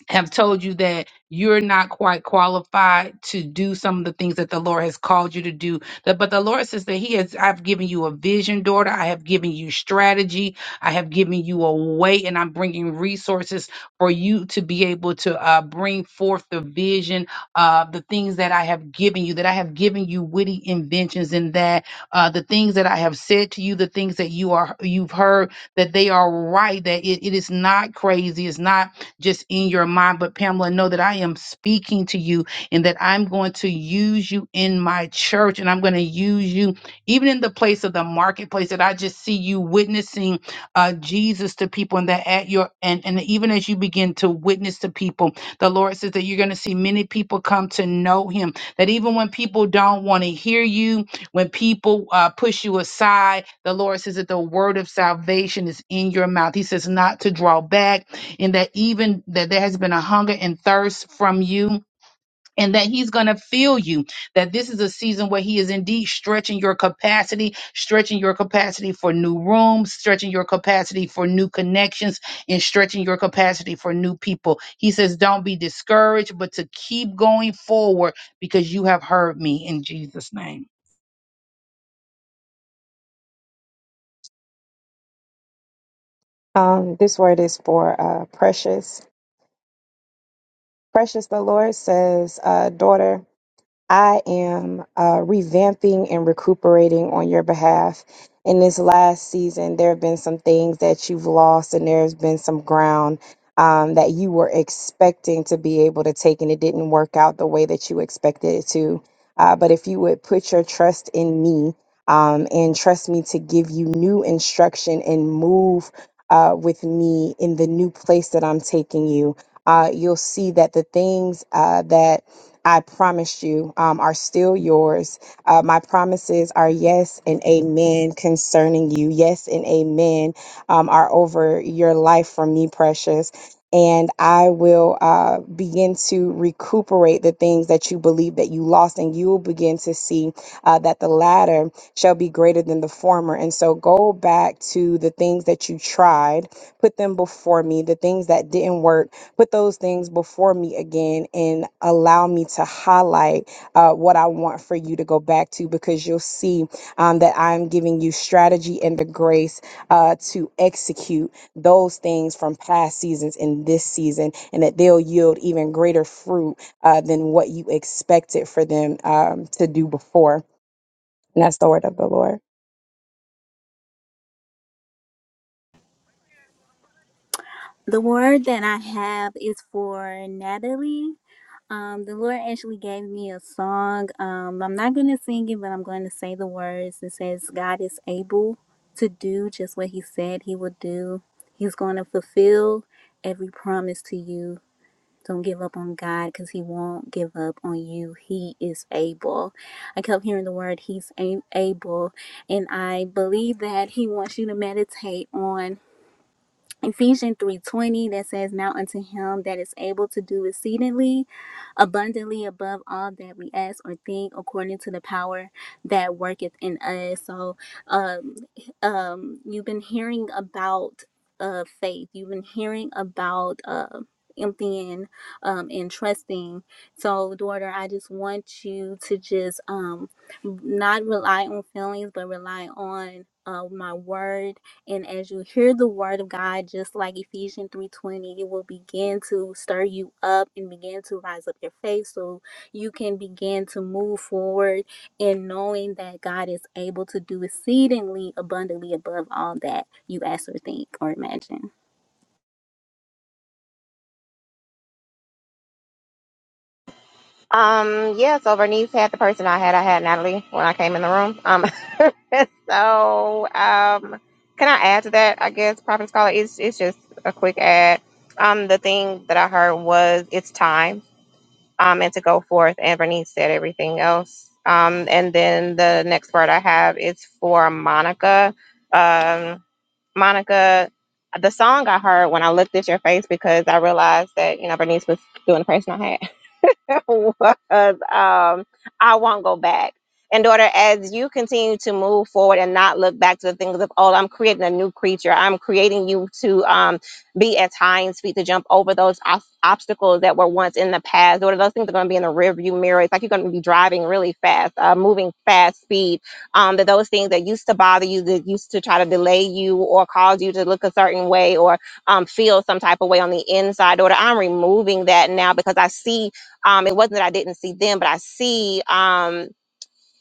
S3: have told you that you're not quite qualified to do some of the things that the Lord has called you to do. That- But the Lord says that He has, I've given you a vision, daughter. I have given you strategy. I have given you a way, and I'm bringing resources for you to be able to uh, bring forth the vision of the things that I have given you, that I have given you witty inventions and that uh, the things that I have said to you, the things that you are, you've heard, that they are right, that it, it is not crazy. It's not just in your mind. But Pamela, know that I am speaking to you and that I'm going to use you in my church and I'm going to use you even in the place of the marketplace that I just see you witnessing uh, Jesus to people and that at your and, and even as you begin to witness to people, the Lord says that you're going to see many people come to know him. That even when people don't want to hear you, when people uh, push you aside, the Lord says that the word of salvation is in your mouth. He says not to draw back and that even that there has been a hunger and thirst from you and that he's going to fill you that this is a season where he is indeed stretching your capacity stretching your capacity for new rooms stretching your capacity for new connections and stretching your capacity for new people he says don't be discouraged but to keep going forward because you have heard me in jesus name
S4: Um, this word is for uh, precious. Precious, the Lord says, uh, daughter. I am uh, revamping and recuperating on your behalf. In this last season, there have been some things that you've lost, and there's been some ground um, that you were expecting to be able to take, and it didn't work out the way that you expected it to. Uh, but if you would put your trust in me um, and trust me to give you new instruction and move uh, with me in the new place that I'm taking you, uh, you'll see that the things uh, that I promise you, um, are still yours. Uh, my promises are yes and amen concerning you. Yes and amen um, are over your life from me, precious. And I will uh, begin to recuperate the things that you believe that you lost, and you will begin to see uh, that the latter shall be greater than the former. And so go back to the things that you tried, put them before me, the things that didn't work put those things before me again and allow me to highlight uh, what I want for you to go back to because you'll see um, that I'm giving you strategy and the grace uh, to execute those things from past seasons in this season and that they'll yield even greater fruit uh, than what you expected for them um, to do before. And that's the word of the Lord.
S5: The word that I have is for Natalie. Um, the Lord actually gave me a song. Um, I'm not going to sing it, but I'm going to say the words. It says, God is able to do just what He said He would do. He's going to fulfill every promise to you. Don't give up on God because He won't give up on you. He is able. I kept hearing the word He's a- able, and I believe that He wants you to meditate on. Ephesians 3:20 that says now unto him that is able to do exceedingly abundantly above all that we ask or think according to the power that worketh in us. So um um you've been hearing about uh faith. You've been hearing about uh emptying um and trusting. So daughter, I just want you to just um not rely on feelings but rely on uh my word and as you hear the word of God, just like Ephesians 3:20, it will begin to stir you up and begin to rise up your faith so you can begin to move forward in knowing that God is able to do exceedingly abundantly above all that you ask or think or imagine.
S6: Um, yeah, so Vernice had the person I had. I had Natalie when I came in the room. Um, so, um, can I add to that? I guess Prophet Scholar, it's, it's just a quick add. Um, the thing that I heard was it's time, um, and to go forth. And Vernice said everything else. Um, and then the next word I have is for Monica. Um, Monica, the song I heard when I looked at your face because I realized that, you know, Bernice was doing the person I had was um, I won't go back. And daughter, as you continue to move forward and not look back to the things of old, I'm creating a new creature. I'm creating you to um, be at high and speed to jump over those ob- obstacles that were once in the past. Daughter, those things are going to be in the rearview mirror. It's like you're going to be driving really fast, uh, moving fast speed. Um, that those things that used to bother you, that used to try to delay you or cause you to look a certain way or um, feel some type of way on the inside. Daughter, I'm removing that now because I see um it wasn't that i didn't see them but i see um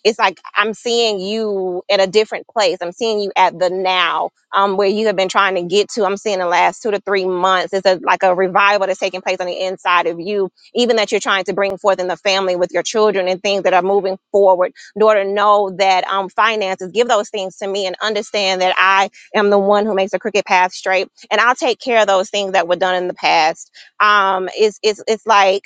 S6: it's like i'm seeing you at a different place i'm seeing you at the now um where you have been trying to get to i'm seeing the last two to three months it's a, like a revival that's taking place on the inside of you even that you're trying to bring forth in the family with your children and things that are moving forward daughter know that um finances give those things to me and understand that i am the one who makes the crooked path straight and i'll take care of those things that were done in the past um it's it's it's like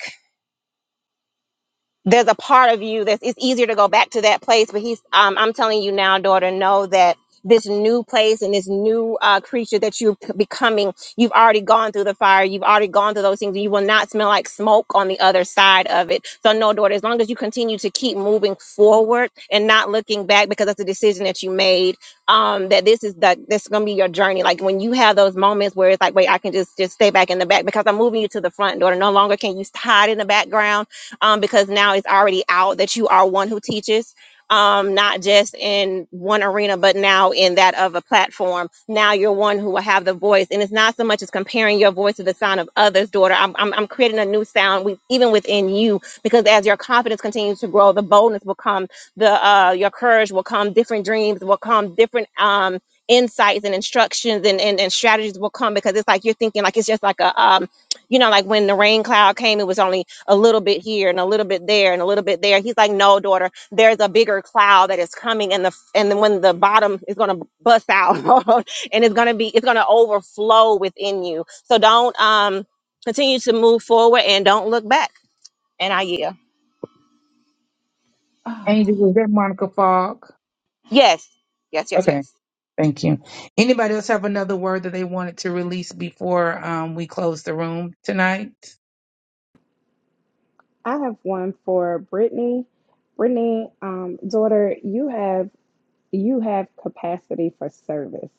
S6: there's a part of you that it's easier to go back to that place but he's um, i'm telling you now daughter know that this new place and this new uh, creature that you're c- becoming you've already gone through the fire you've already gone through those things you will not smell like smoke on the other side of it so no daughter as long as you continue to keep moving forward and not looking back because that's a decision that you made um, that this is the this is gonna be your journey like when you have those moments where it's like wait i can just just stay back in the back because i'm moving you to the front daughter no longer can you hide in the background um, because now it's already out that you are one who teaches, um, not just in one arena, but now in that of a platform. Now you're one who will have the voice, and it's not so much as comparing your voice to the sound of others, daughter. I'm, I'm, I'm creating a new sound, with, even within you, because as your confidence continues to grow, the boldness will come, the uh, your courage will come, different dreams will come, different um. Insights and instructions and, and, and strategies will come because it's like you're thinking like it's just like a um you know like when the rain cloud came it was only a little bit here and a little bit there and a little bit there. He's like, no, daughter, there's a bigger cloud that is coming, and the and then when the bottom is gonna bust out, and it's gonna be it's gonna overflow within you. So don't um continue to move forward and don't look back. And I yeah,
S3: Angel, is that monica fogg
S6: yes, yes, yes,
S3: Okay.
S6: yes.
S3: Thank you. Anybody else have another word that they wanted to release before um, we close the room tonight?
S2: I have one for Brittany. Brittany, um, daughter, you have you have capacity for service,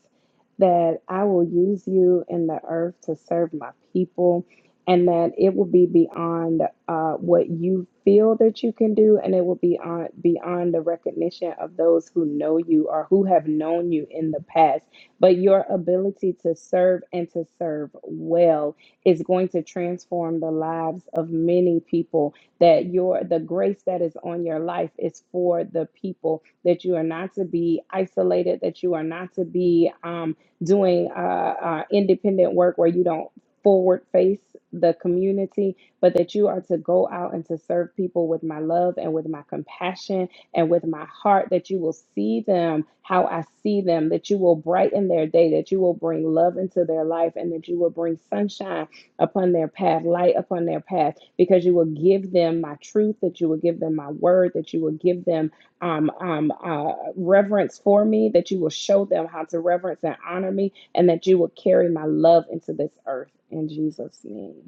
S2: that I will use you in the earth to serve my people, and that it will be beyond uh, what you feel that you can do, and it will be on, beyond the recognition of those who know you or who have known you in the past. But your ability to serve and to serve well is going to transform the lives of many people. That your the grace that is on your life is for the people that you are not to be isolated, that you are not to be um, doing uh, uh, independent work where you don't forward face the community, but that you are to go out and to serve people with my love and with my compassion and with my heart, that you will see them how I see them, that you will brighten their day, that you will bring love into their life, and that you will bring sunshine upon their path, light upon their path, because you will give them my truth, that you will give them my word, that you will give them um, um, uh, reverence for me, that you will show them how to reverence and honor me, and that you will carry my love into this earth in Jesus' name.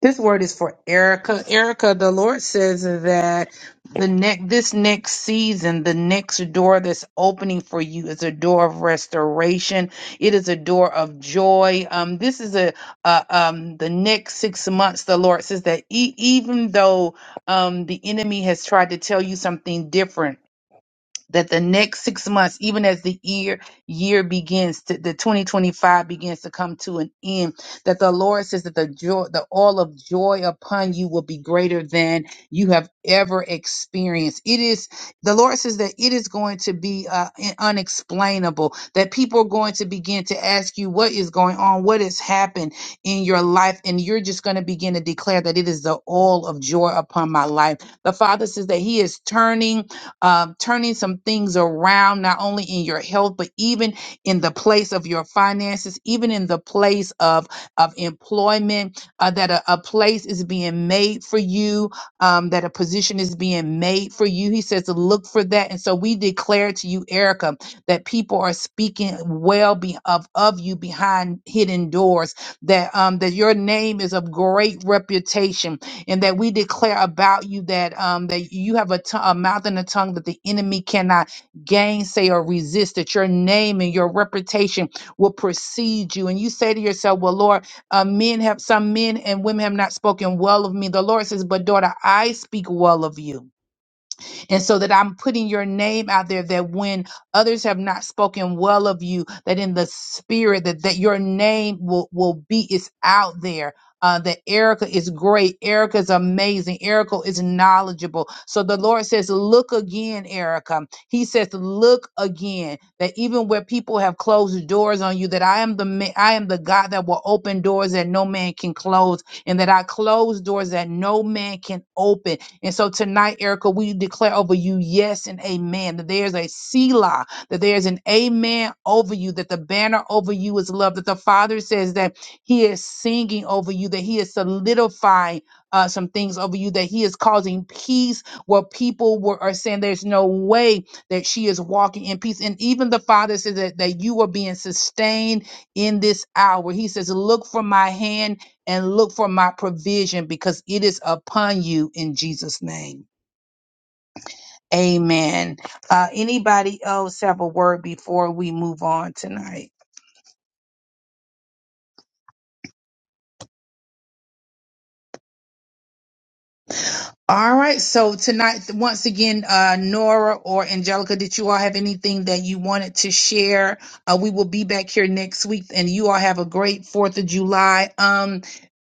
S3: This word is for Erica. Erica, the Lord says that the next this next season, the next door that's opening for you is a door of restoration. It is a door of joy. Um, this is a, a um the next six months. The Lord says that e- even though um the enemy has tried to tell you something different that the next six months, even as the year year begins to the 2025 begins to come to an end, that the Lord says that the joy, the all of joy upon you will be greater than you have ever experienced. It is the Lord says that it is going to be uh, in- unexplainable, that people are going to begin to ask you what is going on, what has happened in your life, and you're just going to begin to declare that it is the all of joy upon my life. The Father says that He is turning um, turning some things around, not only in your health, but even in the place of your finances, even in the place of, of employment, uh, that a, a place is being made for you, um, that a position is being made for you. He says to look for that. And so we declare to you, Erica, that people are speaking well be, of, of you behind hidden doors, that, um, that your name is of great reputation and that we declare about you that um, that you have a t- a mouth and a tongue that the enemy cannot gainsay or resist. That your name and your reputation will precede you. And you say to yourself, "Well, Lord, uh, men have some men and women have not spoken well of me." The Lord says, "But daughter, I speak well of you." And so that I'm putting your name out there that when others have not spoken well of you, that in the spirit that, that your name will, will be is out there. Uh, that Erica is great. Erica is amazing. Erica is knowledgeable. So the Lord says, Look again, Erica. He says, Look again. That even where people have closed doors on you, that I am the ma- I am the God that will open doors that no man can close, and that I close doors that no man can open and so tonight, Erica, we declare over you yes and amen, that there's a Selah, that there's an amen over you, that the banner over you is love, that the Father says that He is singing over you, that He is solidifying uh, some things over you, that He is causing peace where people were, are saying there's no way that she is walking in peace. And even the Father says that, that you are being sustained in this hour. He says, Look for my hand and look for my provision because it is upon you in Jesus' name. Amen. Uh, anybody else have a word before we move on tonight? All right. So tonight, once again, uh, Nora or Angelica, did you all have anything that you wanted to share? Uh, we will be back here next week, and you all have a great Fourth of July. Um,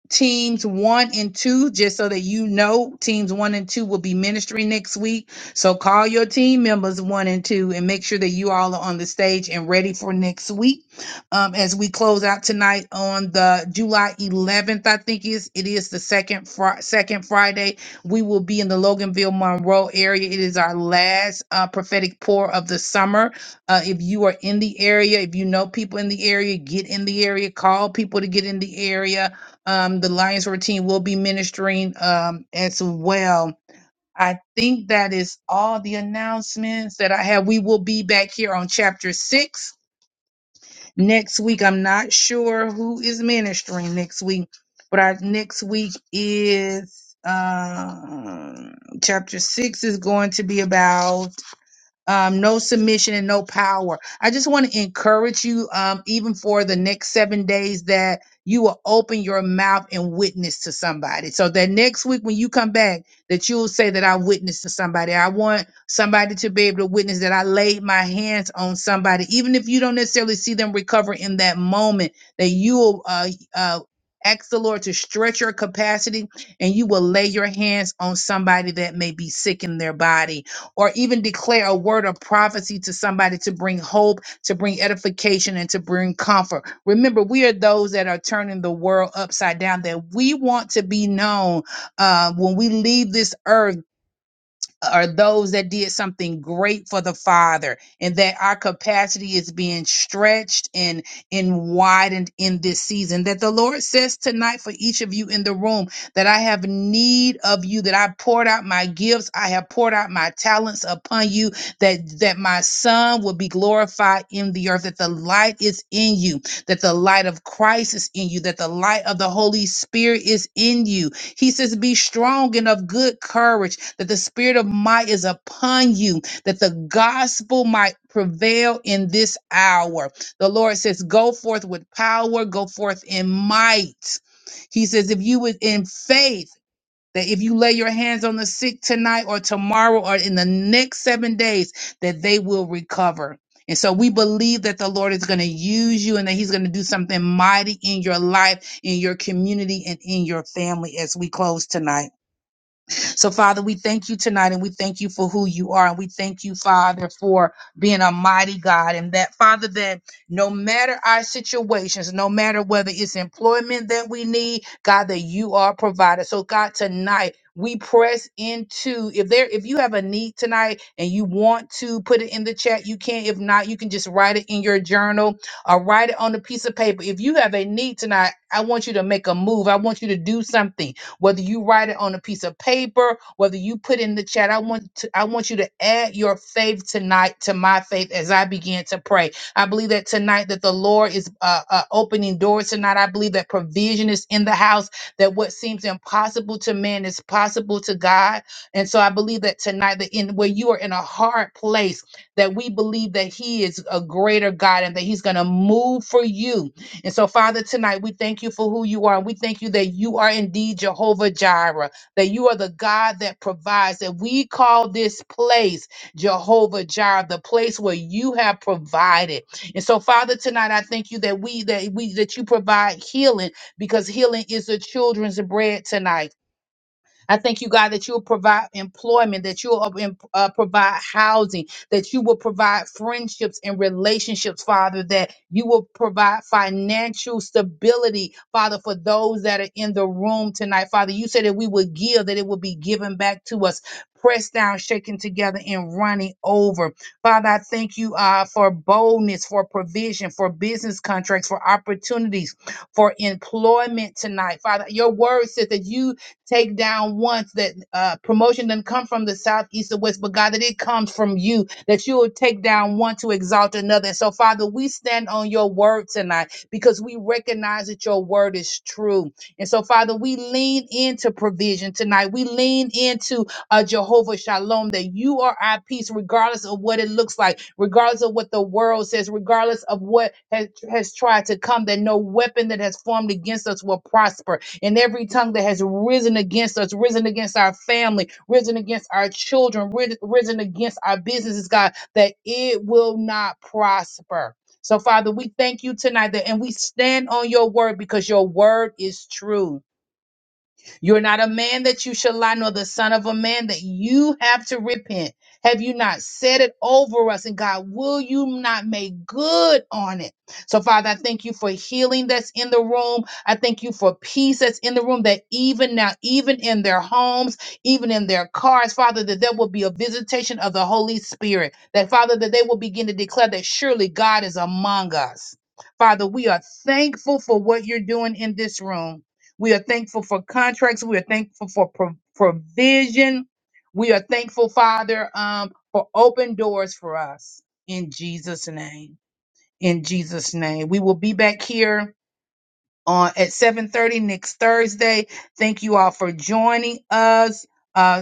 S3: teams one and two, just so that you know, teams one and two will be ministering next week. So call your team members one and two and make sure that you all are on the stage and ready for next week. Um, as we close out tonight on the July 11th, I think is it is the second fr- second Friday. We will be in the Loganville Monroe area. It is our last uh, prophetic pour of the summer. Uh, if you are in the area, if you know people in the area, get in the area. Call people to get in the area um, the Lions Routine will be ministering um, as well. I think that is all the announcements that I have. We will be back here on chapter six next week. I'm not sure who is ministering next week, but our next week is um, chapter six is going to be about um, no submission and no power. I just want to encourage you, um, even for the next seven days, that you will open your mouth and witness to somebody. So that next week when you come back, that you'll say that I witnessed to somebody. I want somebody to be able to witness that I laid my hands on somebody, even if you don't necessarily see them recover in that moment. That you will uh, uh, ask the Lord to stretch your capacity, and you will lay your hands on somebody that may be sick in their body or even declare a word of prophecy to somebody to bring hope, to bring edification, and to bring comfort. Remember, we are those that are turning the world upside down, that we want to be known uh, when we leave this earth are those that did something great for the Father, and that our capacity is being stretched and, and widened in this season. That the Lord says tonight for each of you in the room that I have need of you, that I poured out my gifts, I have poured out my talents upon you, that, that my Son will be glorified in the earth, that the light is in you, that the light of Christ is in you, that the light of the Holy Spirit is in you, he says, Be strong and of good courage, that the spirit of might is upon you, that the gospel might prevail in this hour. The Lord says, Go forth with power, go forth in might. He says, If you would in faith, that if you lay your hands on the sick tonight or tomorrow or in the next seven days, that they will recover. And so we believe that the Lord is going to use you and that He's going to do something mighty in your life, in your community, and in your family as we close tonight. So, Father, we thank you tonight and we thank you for who you are. And we thank you, Father, for being a mighty God. And that, Father, that no matter our situations, no matter whether it's employment that we need, God, that you are a provider. So, God, tonight, we press into if there if you have a need tonight and you want to put it in the chat you can if not you can just write it in your journal or write it on a piece of paper if you have a need tonight i want you to make a move i want you to do something whether you write it on a piece of paper, whether you put in the chat. I want to I want you to add your faith tonight to my faith as I begin to pray. I believe that tonight that the Lord is uh, uh, opening doors tonight. I believe that provision is in the house. That what seems impossible to man is possible to God. And so I believe that tonight that in where you are in a hard place, that we believe that He is a greater God and that He's going to move for you and so, Father, tonight we thank you for who you are. And we thank you that you are indeed Jehovah Jireh, that you are the God that provides, that we call this place Jehovah Jireh, the place where you have provided. And so, Father, tonight I thank you that we that we that you provide healing because healing is the children's bread tonight. I thank you, God, that you'll provide employment, that you'll uh, em- uh, provide housing, that you will provide friendships and relationships, Father, that you will provide financial stability, Father, for those that are in the room tonight. Father, you said that we would give, that it will be given back to us, pressed down, shaken together, and running over. Father, I thank you uh, for boldness, for provision, for business contracts, for opportunities, for employment tonight. Father, your word says that you Take down once that uh, promotion doesn't come from the south, east, or west, but God, that it comes from you, that you will take down one to exalt another. So, Father, we stand on your word tonight because we recognize that your word is true. And so, Father, we lean into provision tonight. We lean into uh, Jehovah Shalom, that you are our peace, regardless of what it looks like, regardless of what the world says, regardless of what has, has tried to come, that no weapon that has formed against us will prosper and every tongue that has risen against us, risen against our family, risen against our children, rid- risen against our businesses, God, that it will not prosper. So, Father, we thank you tonight that, and we stand on your word because your word is true. You're not a man that you shall lie, nor the son of a man that you have to repent. Have you not said it over us? And God, will you not make good on it? So, Father, I thank you for healing that's in the room. I thank you for peace that's in the room that even now, even in their homes, even in their cars, Father, that there will be a visitation of the Holy Spirit. That, Father, that they will begin to declare that surely God is among us. Father, we are thankful for what you're doing in this room. We are thankful for contracts. We are thankful for pro- provision. We are thankful, Father, um, for open doors for us in Jesus' name. In Jesus' name, we will be back here on at seven thirty next Thursday. Thank you all for joining us. Uh,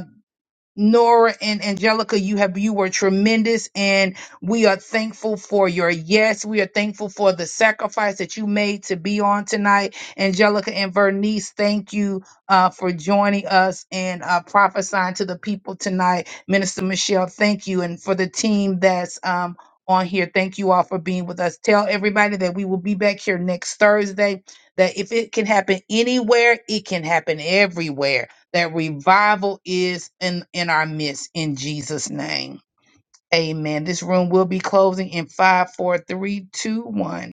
S3: Nora and Angelica, you have you were tremendous, and we are thankful for your yes. We are thankful for the sacrifice that you made to be on tonight. Angelica and Vernice, thank you uh, for joining us and uh, prophesying to the people tonight. Minister Michelle, thank you, and for the team that's um, on here, thank you all for being with us. Tell everybody that we will be back here next Thursday. That if it can happen anywhere, it can happen everywhere that revival is in, in our midst in Jesus' name. Amen. This room will be closing in five, four, three, two, one.